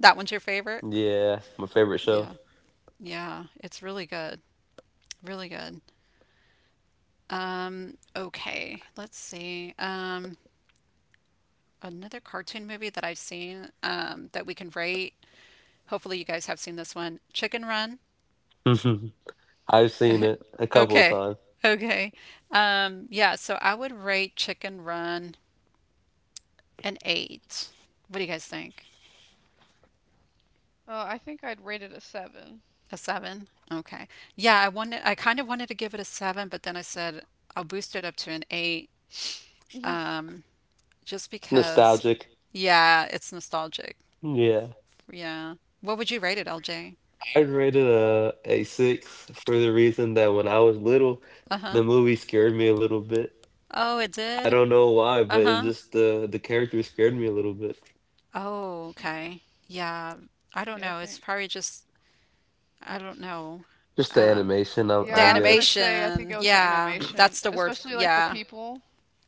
A: That one's your favorite? Yeah. Yeah, it's really good. Really good. Okay, let's see. Another cartoon movie that I've seen that we can rate. Hopefully, you guys have seen this one, Chicken Run. Okay, okay. Yeah, so I would rate Chicken Run an eight. What do you guys think?
B: I think I'd rate it a 7.
A: A seven? Okay. I kind of wanted to give it a seven, but then I said I'll boost it up to an eight. Um. Just because. Yeah, it's nostalgic. Yeah. What would you rate it, LJ? Uh huh. Oh, it did? Uh huh. Oh, okay. Yeah. I don't
B: Yeah, I
A: know. It's
B: think.
A: probably just, I don't know. Um,
B: Yeah,
A: the
B: I was gonna say, I think
A: animation.
B: it was the
A: Yeah.
B: animation,
A: That's the word.
B: especially like the
A: Yeah.
B: people.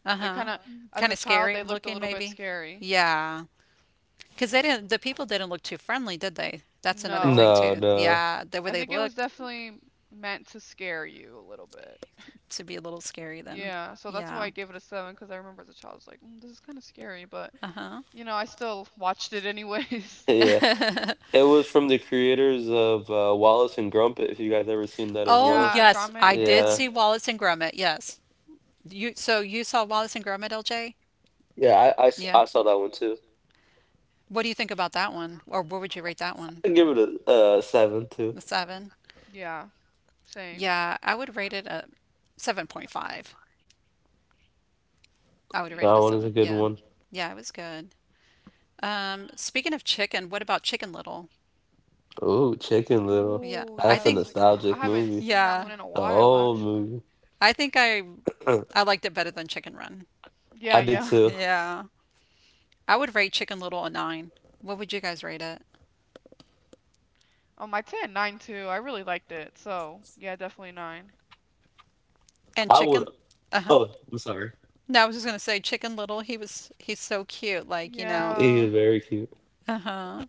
A: Uh
B: They
A: huh.
B: kind of, as
A: Kind
B: a
A: of
B: child,
A: scary
B: they looked a
A: looking,
B: little bit
A: maybe.
B: scary.
A: Yeah. Because they didn't, the people didn't look too friendly, did they? That's another
B: No,
A: thing, too. Yeah. The way
B: I
A: they
B: think it was
A: looked.
B: definitely meant to scare you a little bit.
A: To be a little scary then.
B: Yeah, so that's
A: Yeah.
B: why I gave it a seven because I remember as a child, I was like, this is kind of scary, but
A: Uh-huh.
B: you know, I still watched it anyways.
A: Oh,
B: Yeah,
A: yes,
B: Gromit,
A: I did
B: yeah.
A: see Wallace and Gromit. Yes. You so you saw Wallace and Gromit, LJ? Yeah. What do you think about that one? Or what would you rate that one? A seven?
B: Yeah, same.
A: Yeah, I would rate it a 7.5. I would rate
B: Yeah.
A: it a seven. Yeah. Yeah, it was good. Speaking of chicken, what about Chicken Little? Yeah,
B: Oh,
A: I
B: yeah,
A: think,
B: that's a good one. I haven't seen that
A: yeah,
B: one in a while, actually.
A: I think I liked it better than Chicken Run.
B: Yeah, yeah.
A: Yeah. I would rate Chicken Little a nine. What would you guys rate it?
B: I 10 9 too. I really liked it. So yeah, definitely nine.
A: And Chicken, uh huh. No, I was just gonna say Chicken Little. He's so cute. Like you know.
B: Yeah.
A: Uh huh.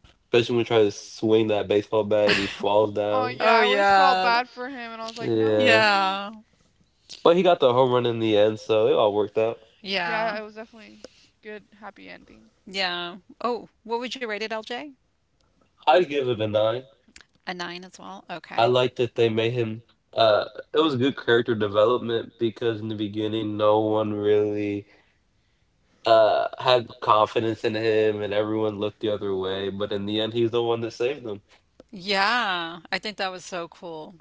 B: Oh yeah,
A: Oh
B: I always felt
A: yeah,
B: bad for him, and I was like, no.
A: yeah,
B: Yeah,
A: yeah,
B: it was definitely good, happy ending.
A: yeah. Oh, what would you rate it, LJ? A nine as well. Okay. Yeah, I think that was so cool.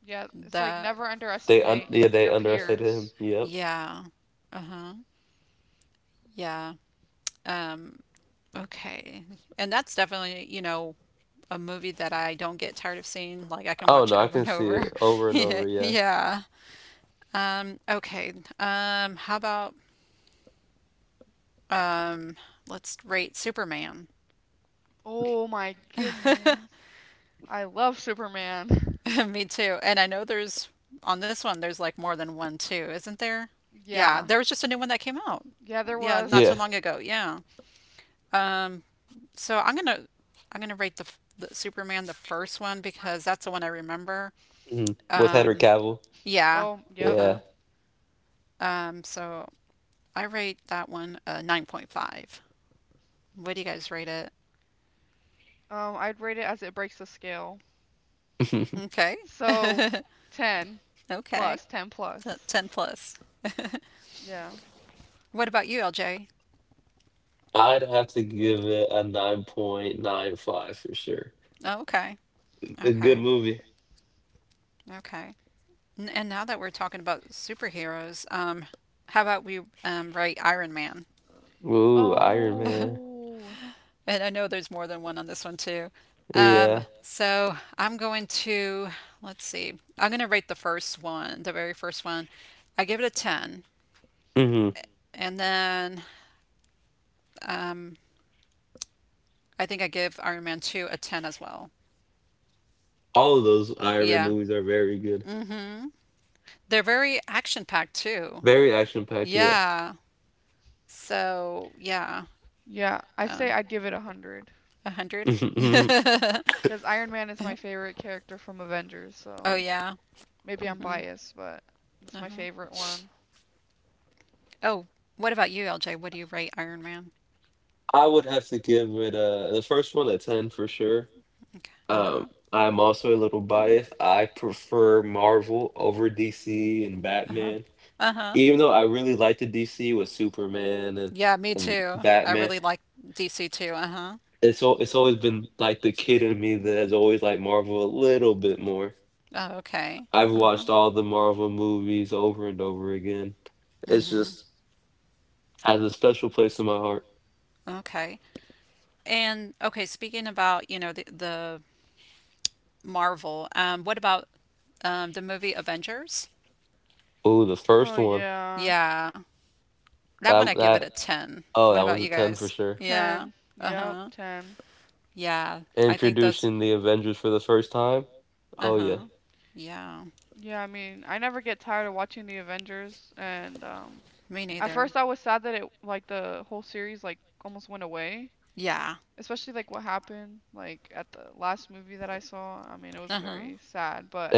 B: Yeah, it's like
A: That
B: never underestimate your peers.
A: yeah. Uh huh. Yeah. Um. Okay. And that's definitely, you know, a movie that I don't get tired of seeing. Like I can watch it over and over. Yeah. Yeah. Okay. How about um, let's rate Superman.
B: Oh my goodness. I love Superman.
A: Me too. And I know there's on this one there's like more than one too, isn't there? Yeah,
B: Yeah.
A: there was just a new one that came out.
B: Yeah, there
A: Yeah, not
B: was.
A: too long ago. Yeah. Um, so I'm gonna I'm gonna rate the, the Superman, the first one because that's the one I remember. Um, yeah.
B: Oh,
A: Uh
B: yep.
A: huh. So I rate that one a 9.5. What do you guys rate it?
B: I'd rate it as it breaks the scale.
A: Okay.
B: So 10
A: Okay.
B: plus, 10 plus.
A: 10 plus.
B: Yeah.
A: What about you, LJ? Oh, okay. Okay. Okay. And now that we're talking about superheroes, how about we rate Iron Man?
B: Oh.
A: And I know there's more than one on this one too. Um, so I'm going to, let's see, I'm going to rate the first one, the very first one. I give it a 10. And then Um, I think I give Iron Man 2 a 10 as well. Yeah. Mm-hmm. They're very action packed too. Yeah. So, yeah.
B: Yeah, I say
A: Um,
B: I'd give it 100
A: 100.
B: because Iron Man is my favorite character from Avengers,
A: Oh,
B: so
A: yeah.
B: maybe I'm
A: Uh
B: biased, but it's my
A: huh.
B: favorite one.
A: Oh, what about you, LJ? What do you rate Iron Man? Okay. Uh-huh.
B: Yeah.
A: Uh-huh. Uh-huh. Yeah, me too. I really like DC too. Uh-huh. Oh, okay. Uh-huh. Mm-hmm. Okay. And okay, speaking about, you know, the Marvel, what about the movie Avengers?
B: Oh yeah.
A: Yeah. That one I give it a 10. What about you guys? Yeah.
B: 10. Yep,
A: Uh-huh.
B: 10.
A: Yeah. I think those Uh-huh. Yeah.
B: Yeah, I mean, I never get tired of watching the Avengers, and
A: Me
B: at
A: neither.
B: first I was sad that it like the whole series like almost went away.
A: Yeah.
B: Especially like what happened like at the last movie that I saw. I mean, it was
A: Uh-huh.
B: very sad, but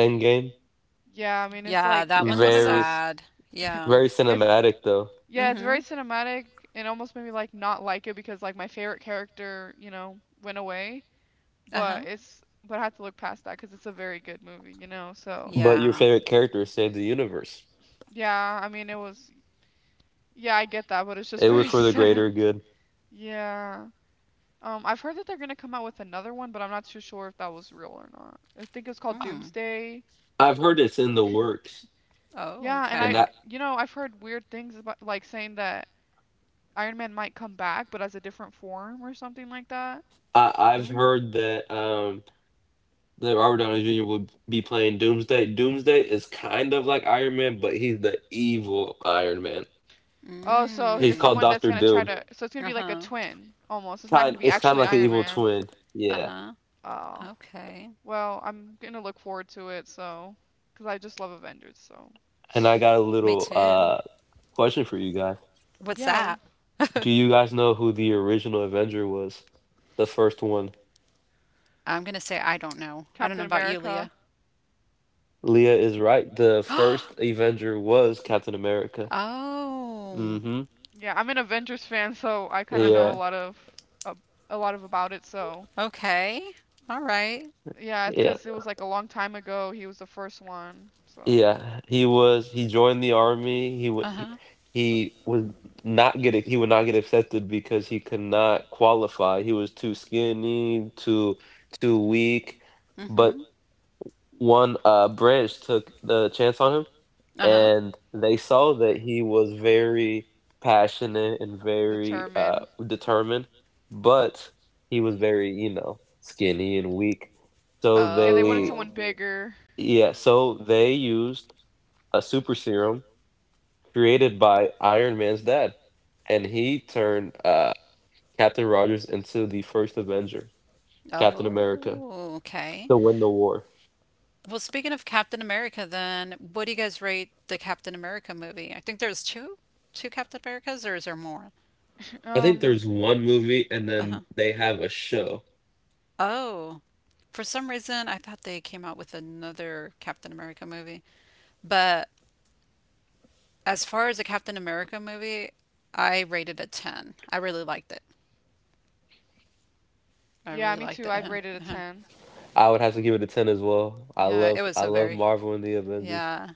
B: yeah, I mean, it's
A: Yeah,
B: like
A: that
B: it's
A: one is
B: one of those
A: sad. Yeah.
B: it's Yeah, it's
A: Mm-hmm.
B: very cinematic and almost made me like not like it because like my favorite character, you know, went away,
A: Uh-huh.
B: but it's but I had to look past that because it's a very good movie, you know. So,
A: Yeah.
B: yeah, I mean, it was yeah, I get that, but it's just very sad. Yeah. I've heard that they're gonna come out with another one, but I'm not too sure if that was real or not. I think it was called
A: Hmm.
B: Doomsday.
A: Oh,
B: Yeah, and
A: okay.
B: you know, I've heard weird things about like saying that Iron Man might come back, but as a different form or something like that.
A: Mm.
B: Oh, so it's
A: Mm.
B: someone that's gonna try to, so it's gonna
A: Uh
B: be like a
A: huh.
B: twin almost. It's not gonna be actually Iron Man.
A: Uh huh.
B: Oh,
A: Okay.
B: well, I'm gonna look forward to it, so, 'cause I just love Avengers, so.
A: Me too. What's
B: Yeah,
A: that?
B: w-
A: I'm gonna say I don't know. I don't know
B: Captain
A: about you, Leah.
B: America.
A: Oh.
B: Yeah, I'm an Avengers fan, so I kind
A: Uh
B: of know
A: huh.
B: a lot of a, a lot of about it, so.
A: Okay. All right.
B: Yeah, it's 'cause it was like a long time ago he was the first one, so.
A: Uh huh. Mm hmm. Uh huh.
B: Determine. Yeah, they wanted someone
A: Oh.
B: bigger.
A: Oh. Okay. Well, speaking of Captain America, then, what do you guys rate the Captain America movie? I think there's two, two Captain Americas, or is there more?
B: Um,
A: Uh-huh. Oh, for some reason, I thought they came out with another Captain America movie. But as far as a Captain America movie, I rated a 10. I really liked it. I
B: yeah,
A: really
B: me too.
A: liked it.
B: I'd rate
A: Huh?
B: it a
A: Yeah.
B: 10.
A: Yeah, it was a very, yeah,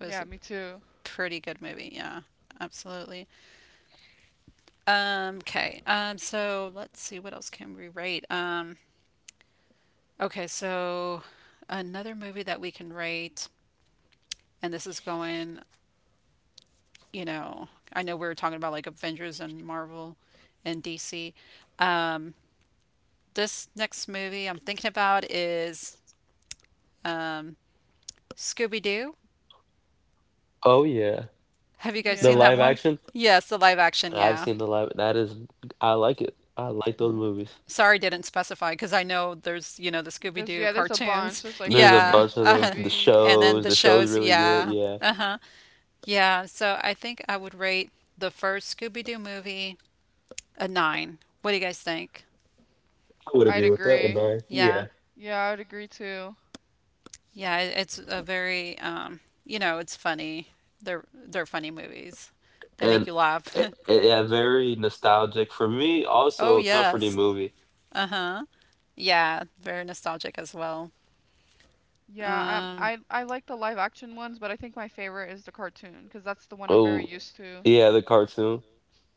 A: it was a
B: me too.
A: pretty good movie. Yeah, absolutely. Okay. So let's see what else can we rate. Okay, so another movie that we can rate, and this is going, you know, I know we were talking about like Avengers and Marvel and DC. Um, this next movie I'm thinking about is um, Scooby Doo. Have you guys seen that
B: Yeah.
A: one? Yes, the live action, yeah. Sorry, didn't specify because I know there's, you know, the Scooby
B: There's
A: Doo
B: yeah, there's a bunch.
A: cartoons.
B: There's like
A: Yeah.
B: cartoons,
A: Uh-huh. And
B: movies.
A: then the shows. Yeah. Uh huh. Yeah. So I think I would rate the first Scooby Doo movie a nine. What do you guys think?
B: I'd agree.
A: Yeah.
B: Yeah, I'd agree too.
A: Yeah. It's a very, it's funny. They're funny movies. They make you laugh. Oh yes. Uh huh. Yeah, very nostalgic as well.
B: Yeah,
A: Um,
B: I like the live action ones, but I think my favorite is the cartoon because that's the one I'm very used to.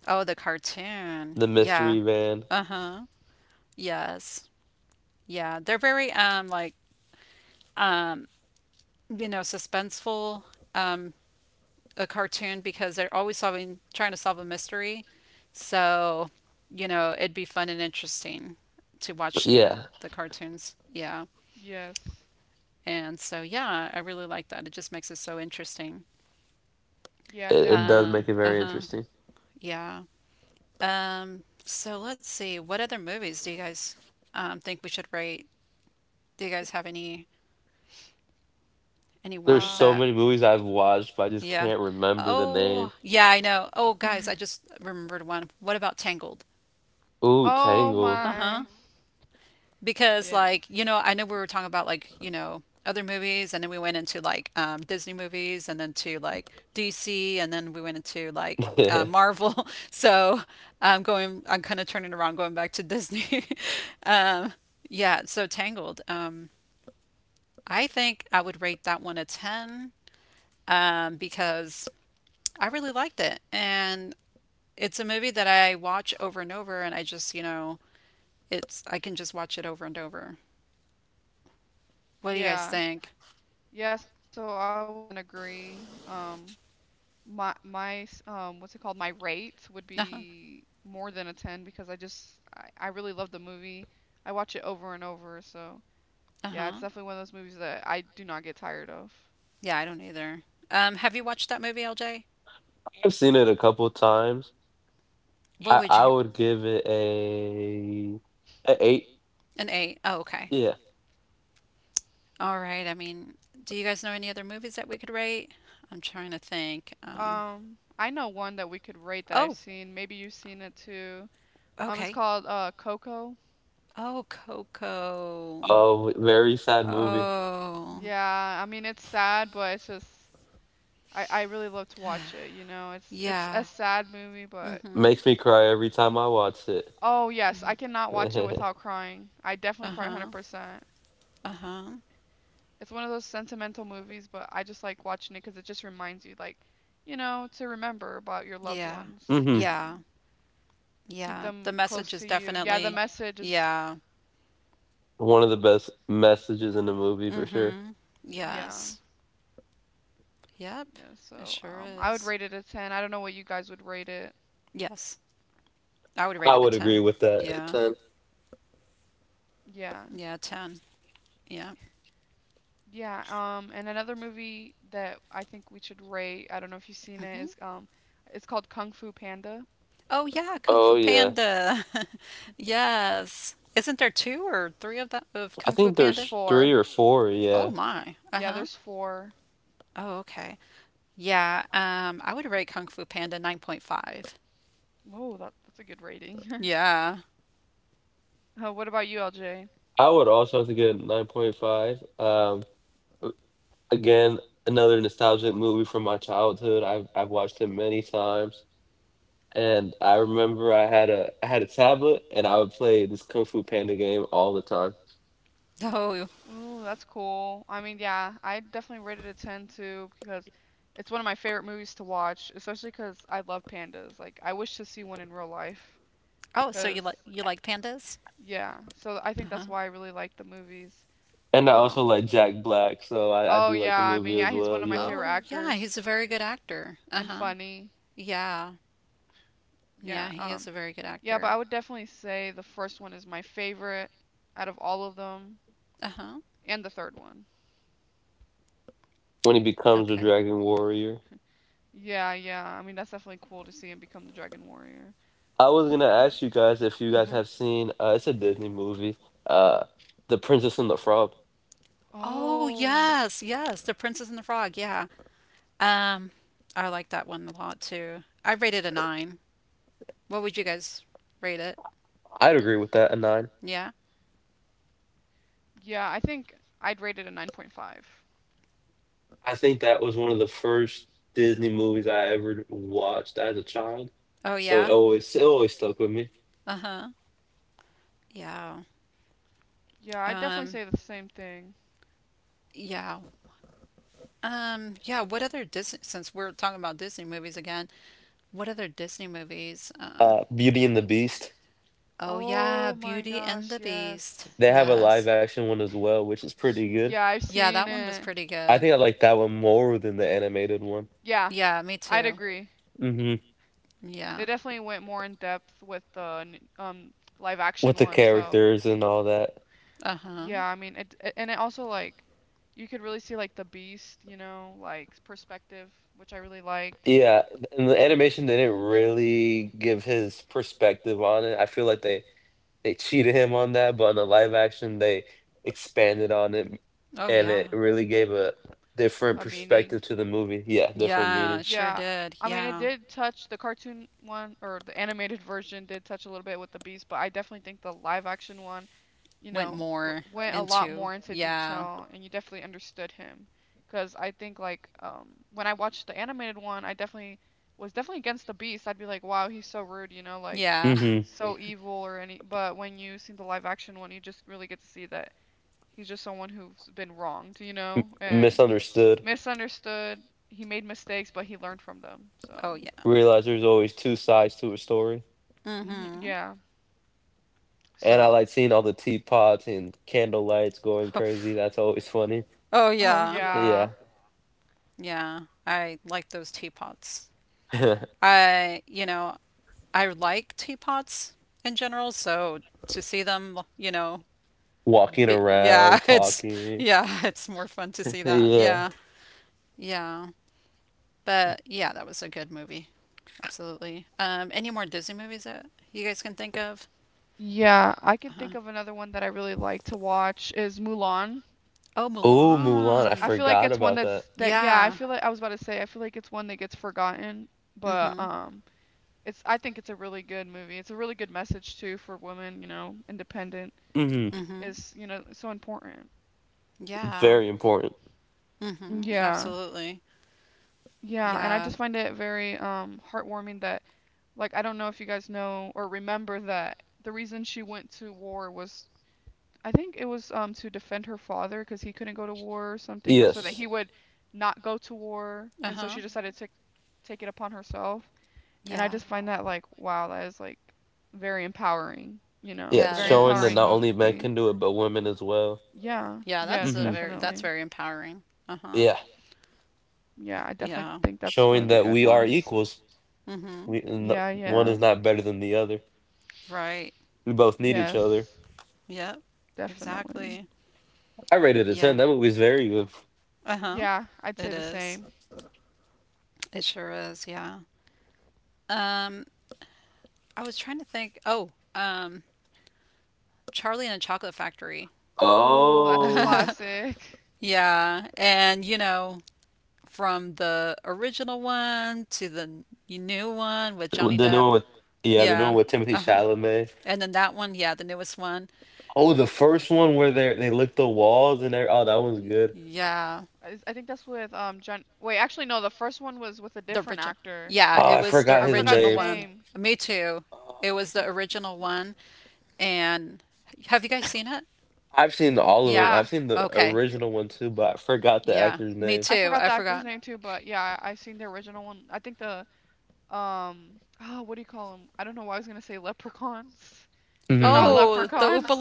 A: oh, the cartoon. Yeah. Uh huh. Yes. Yeah. They're very like um you know suspenseful um a cartoon because they're always solving trying to solve a mystery. So, you know, it'd be fun and interesting to watch, you know, the cartoons. Yeah.
B: Yes.
A: And so yeah, I really like that. It just makes it so interesting.
B: Yeah, definitely.
A: Uh uh-huh. Yeah. So let's see what other movies do you guys think we should rate? Do you guys have any ones
B: Uh,
A: that. Yeah. Oh, yeah, I know. Oh, guys, I just remembered one. What about Tangled?
B: oh
A: Uh-huh.
B: my.
A: Because like, you
B: Yes.
A: know, I know we were talking about like, you know, other movies and then we went into like Disney movies and then to like DC and then we went into like Marvel. So, I'm kind of turning around going back to Disney. Um yeah, so Tangled. I think I would rate that one a 10 because I really liked it. And it's a movie that I watch over and over, and I just, you know, it's, I can just watch it over and over. What do you guys
B: Yeah.
A: think?
B: Yeah, so I would 100% agree. What's it called? My rate would
A: Uh huh.
B: be more than a 10 because I just I really love the movie. I watch it over and over, so
A: Uh
B: yeah, it's
A: huh.
B: definitely one of those movies that I do not get tired of.
A: Yeah, I don't either. Have you watched that movie, LJ? What would you, an eight? Oh, okay. All right. I mean, do you guys know any other movies that we could rate? I'm trying to think.
B: I know one that we could rate that I've
A: Oh,
B: seen. Maybe you've seen it too. It's
A: okay.
B: called Coco.
A: Oh, Coco. Oh,
B: Yeah, I mean it's sad, but it's just I really love to watch it, you know. It's
A: yeah.
B: a sad movie, but
A: Mm-hmm.
B: oh yes,
A: Mm-hmm.
B: I cannot watch it without crying. I definitely cry
A: Uh-huh.
B: 100%.
A: Uh-huh.
B: It's one of those sentimental movies, but I just like watching it because it just reminds you, like, you know, to remember about your loved
A: Yeah.
B: ones
A: Yeah.
B: and keep
A: Yeah. The
B: them close
A: message is
B: to you. Yeah, the
A: definitely
B: message is,
A: yeah. Mm-hmm.
B: yeah,
A: Yes. Yep.
B: yeah.
A: It
B: So,
A: sure
B: I would
A: is.
B: rate it a 10. I don't know what you guys would rate it.
A: Yes. I would rate it a 10. Yeah.
B: Yeah.
A: Yeah, 10. Yeah.
B: Yeah, and another movie that I think we should rate, I don't know if you've seen it,
A: Mm-hmm.
B: is it's called Kung Fu Panda.
A: Oh yeah, Kung Fu Panda. Yes. Isn't there two or three of that of Kung Fu
B: There's
A: Panda?
B: four.
A: Oh my.
B: Yeah,
A: Uh-huh.
B: there's four.
A: Oh, okay. Yeah, I would rate Kung Fu Panda 9.5.
B: Oh, that that's a good rating.
A: Yeah.
B: What about you, LJ?
A: Oh,
B: Ooh, that's cool. I mean, yeah, I definitely rated it a 10 too because it's one of my favorite movies to watch, especially because I love pandas. Like, I wish to see one in real life.
A: oh, so you
B: Because,
A: like pandas?
B: yeah, so I think that's
A: Uh-huh.
B: why I really like the movies. Um, oh yeah, I mean, yeah, he's one of my favorite
A: Oh, yeah,
B: actors
A: he's a very good actor.
B: and
A: Uh-huh.
B: funny.
A: Yeah. Yeah,
B: Yeah,
A: he is a very good
B: yeah, but
A: actor.
B: I would definitely say the first one is my favorite out of all of them,
A: Uh-huh.
B: and the third one.
A: Okay.
B: Yeah, yeah. I mean, that's definitely cool to see him become the Dragon Warrior.
A: Hmm. Oh,
B: Oh,
A: yes, yes, The Princess and the Frog. Yeah. Um, I like that one a lot too. I rated a 9. What would you guys rate it? Yeah.
B: yeah. I think I'd rate it a 9.5.
A: Oh, yeah. Uh-huh. Yeah.
B: Yeah, I'd definitely
A: Um,
B: say the same thing.
A: yeah. Yeah, what other Disney, since we're talking about Disney movies again, what other Disney movies? Oh yeah,
B: Oh my
A: Beauty and the
B: gosh,
A: Beast.
B: yes.
A: Yes.
B: Yeah, I've
A: Yeah,
B: seen
A: that one was
B: it.
A: pretty good.
B: Yeah,
A: Yeah, me
B: I'd
A: too.
B: agree. They
A: Yeah.
B: definitely went more in depth with the live action one, so
A: Uh-huh.
B: yeah, I mean it it- and it also like you could really see like the beast, you know, like perspective, which I really liked,
A: Oh yeah.
B: a meaning.
A: Yeah, it sure
B: Yeah,
A: did.
B: I mean it
A: Yeah.
B: did touch the cartoon one or the animated version did touch a little bit with the beast, but I definitely think the live action one, you
A: Went
B: know, w
A: more
B: went a lot
A: into.
B: more into
A: Yeah.
B: detail and you definitely understood him. Because I think like when I watched the animated one, I definitely was definitely against the beast. I'd be like, "Wow, he's so rude," you know, like
A: Yeah.
B: so evil or any, but when you see the live action one, you just really get to see that he's just someone who's been wronged, you know, and misunderstood. He made mistakes, but he learned from them.
A: Oh
B: So,
A: yeah. Mm-hmm.
B: yeah. So,
A: Oh
B: oh
A: yeah.
B: yeah,
A: Yeah. I like those teapots. I, you know, I like teapots in general, so to see them, you know, be, yeah, it's yeah, it's more fun to see that. Yeah. Yeah. But yeah, that was a good movie. Absolutely. Any more Disney movies that you guys can think of?
B: yeah. I can think
A: Uh-huh.
B: of another one that I really like to watch is Mulan.
A: Oh,
B: I
A: Mulan.
B: feel like it's one that's that. Yeah, I
A: Yeah.
B: feel like I was about to say. I feel like it's one that gets forgotten, but
A: Mm-hmm.
B: it's. I think it's a really good movie. It's a really good message too for women. You know, independent
A: Mm-hmm.
B: is you know so important.
A: Yeah. Mm-hmm.
B: Yeah.
A: Absolutely.
B: Yeah, and I
A: Yeah.
B: just find it very heartwarming that like I don't know if you guys know or remember that the reason she went to war was I think it was to defend her father because he couldn't go to war or something or so that he would not go to war and so she
A: Uh-huh.
B: decided to take it upon herself, and I
A: Yeah.
B: just find that like wow that is like very empowering, you know, a
A: Yeah, it
B: very yeah,
A: is.
B: empowering movie. Yeah,
A: Yeah,
B: yes,
A: that's
B: definitely.
A: very empowering. Uh-huh.
B: Yeah, I definitely
A: Yeah.
B: think that's one of the good ones.
A: Mm-hmm.
B: Yeah, yeah.
A: Right.
B: Yes,
A: Yep.
B: definitely.
A: Exactly. Yeah. Uh-huh.
B: Yeah, I'd say
A: It
B: the
A: is.
B: same.
A: It sure is. Yeah. Um, I was trying to think. Oh, Charlie and the Chocolate Factory.
B: Oh, that's a classic.
A: Yeah, and you know, from the original one to the new one with Johnny Depp. Yeah. Uh-huh. And then that one, yeah, the newest one. Yeah,
B: I think that's with John. Wait, actually no, the first one was with a
A: the
B: different
A: original.
B: actor.
A: Yeah, it was the
B: I forgot
A: original
B: his
A: one.
B: name.
A: Me too. It was the original one. And have you guys seen it? Yeah.
B: Yeah,
A: Okay. Yeah, me
B: I
A: too.
B: forgot
A: I
B: the actor's
A: forgot.
B: name too, but yeah, I seen the original one. I think the oh what do you call them, I don't know why I was going to say leprechauns they're not
A: Oh, the
B: leprechauns,
A: Oompa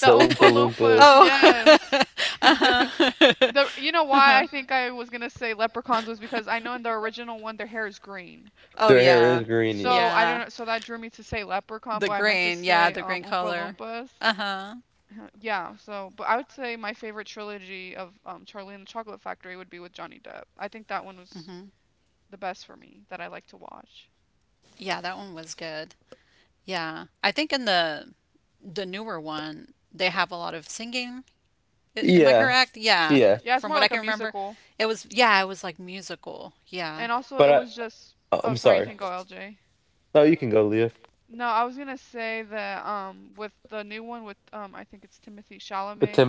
B: the Oompa Loompas,
A: Oh.
B: yes.
A: Uh-huh.
B: The you know why
A: Uh-huh.
B: I think I was going to say leprechauns was because I know in the original one their hair is green,
A: Oh yeah.
B: so I
A: Yeah.
B: don't know, so that drew me to say leprechaun,
A: The
B: but I meant to
A: green, yeah,
B: say
A: the green
B: Oompa
A: color.
B: Loompas.
A: Uh-huh.
B: Yeah so but I would say my favorite trilogy of Charlie and the Chocolate Factory would be with Johnny Depp. I think that one was
A: Hmm.
B: the best for me that I like to watch.
A: Yeah, that one was good. Yeah. I think in the newer one, they have a lot of singing. Am I correct? Yeah.
B: Yeah, it's
A: From
B: more
A: what I
B: like a
A: can remember,
B: musical.
A: it was yeah, it was like musical. Yeah.
B: And also, it was just. Oh, sorry, you can go, LJ. No, I was gonna say that with the new one with I think it's Timothy Chalamet.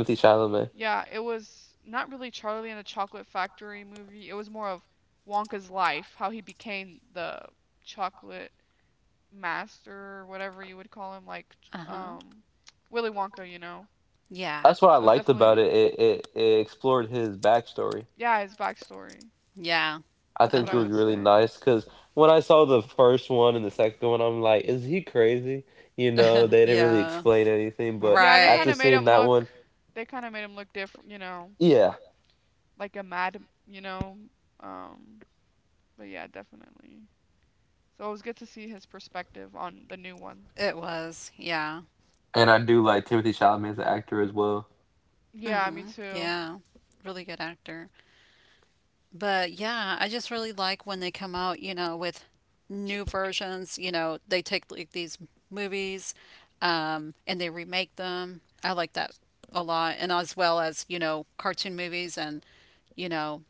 B: Yeah, it was not really Charlie and the Chocolate Factory movie. It was more of Wonka's life, how he became the chocolate master, or whatever you would call him,
A: Uh-huh.
B: Willy Wonka, you know.
A: Yeah.
B: So it's definitely yeah, his backstory.
A: Yeah.
B: That's what I
A: Uh-huh.
B: would say.
A: Yeah.
B: Yeah, they kind of made
A: Right.
B: him look. They kind of made him look different, you know, like a mad, you know. Um, but yeah, definitely. So it was good to see his perspective on the new one.
A: It was, yeah.
B: Yeah, me
A: Hmm.
B: too.
A: Yeah. Really good actor. But yeah, I just really like when they come out, you know, with new versions, you know, they take like these movies, and they remake them. I like that a lot. And as well as, you know, cartoon movies and, you know,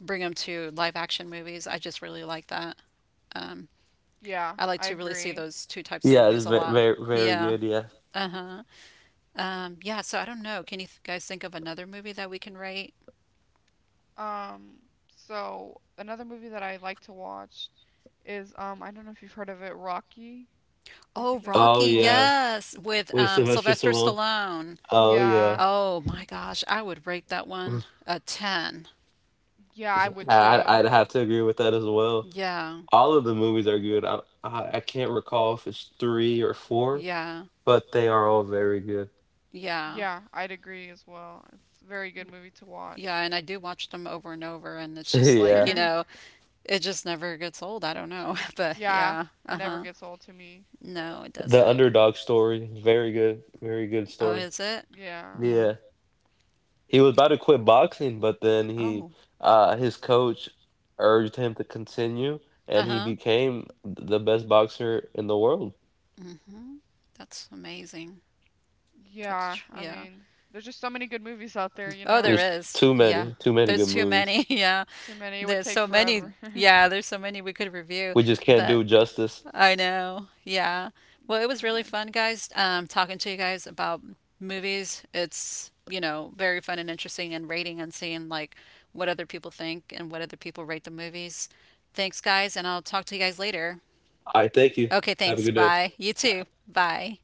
A: bring them to live action movies. I just really like that. Um,
B: Yeah,
A: I like
B: I
A: to really see
B: agree.
A: those two types of movies a lot. Yeah. Uh huh. Yeah. So I don't know. Can you guys think of another movie that we can rate?
B: Um, so another movie that I like to watch is I don't know if you've heard of it, Rocky. I
A: Oh,
B: think that's what it's
A: Rocky.
B: called.
A: Yes, with Sylvester Stallone.
B: Yeah,
A: Oh my gosh, I would rate that one a 10.
B: yeah, I would too.
A: Yeah, yeah, yeah,
B: Yeah, I'd agree as well. It's a very good movie to
A: yeah.
B: watch.
A: And I do watch them over and over, and it's just like, you know, it just never gets old. I don't know. But
B: Yeah,
A: yeah,
B: it
A: uh
B: never
A: huh.
B: gets old to me.
A: No, it doesn't. Oh, is it?
B: Yeah.
A: Yeah. Yeah. Oh. Uh huh. Mhm. That's amazing.
B: Yeah, I
A: Yeah.
B: mean, there's just so many good movies out there, you
A: Oh, there
B: know?
A: is. Yeah. There's too many. Yeah.
B: Too many, it would
A: There's
B: take
A: so many.
B: forever.
A: Yeah, there's so many we could review, but I know. Yeah. Well, it was really
B: Yeah.
A: fun, guys, talking to you guys about movies. It's, you know, very fun and interesting and rating and seeing like what other people think and what other people rate the movies. Thanks, guys, and I'll talk to you guys later. Okay, thanks. Bye. You too. Bye.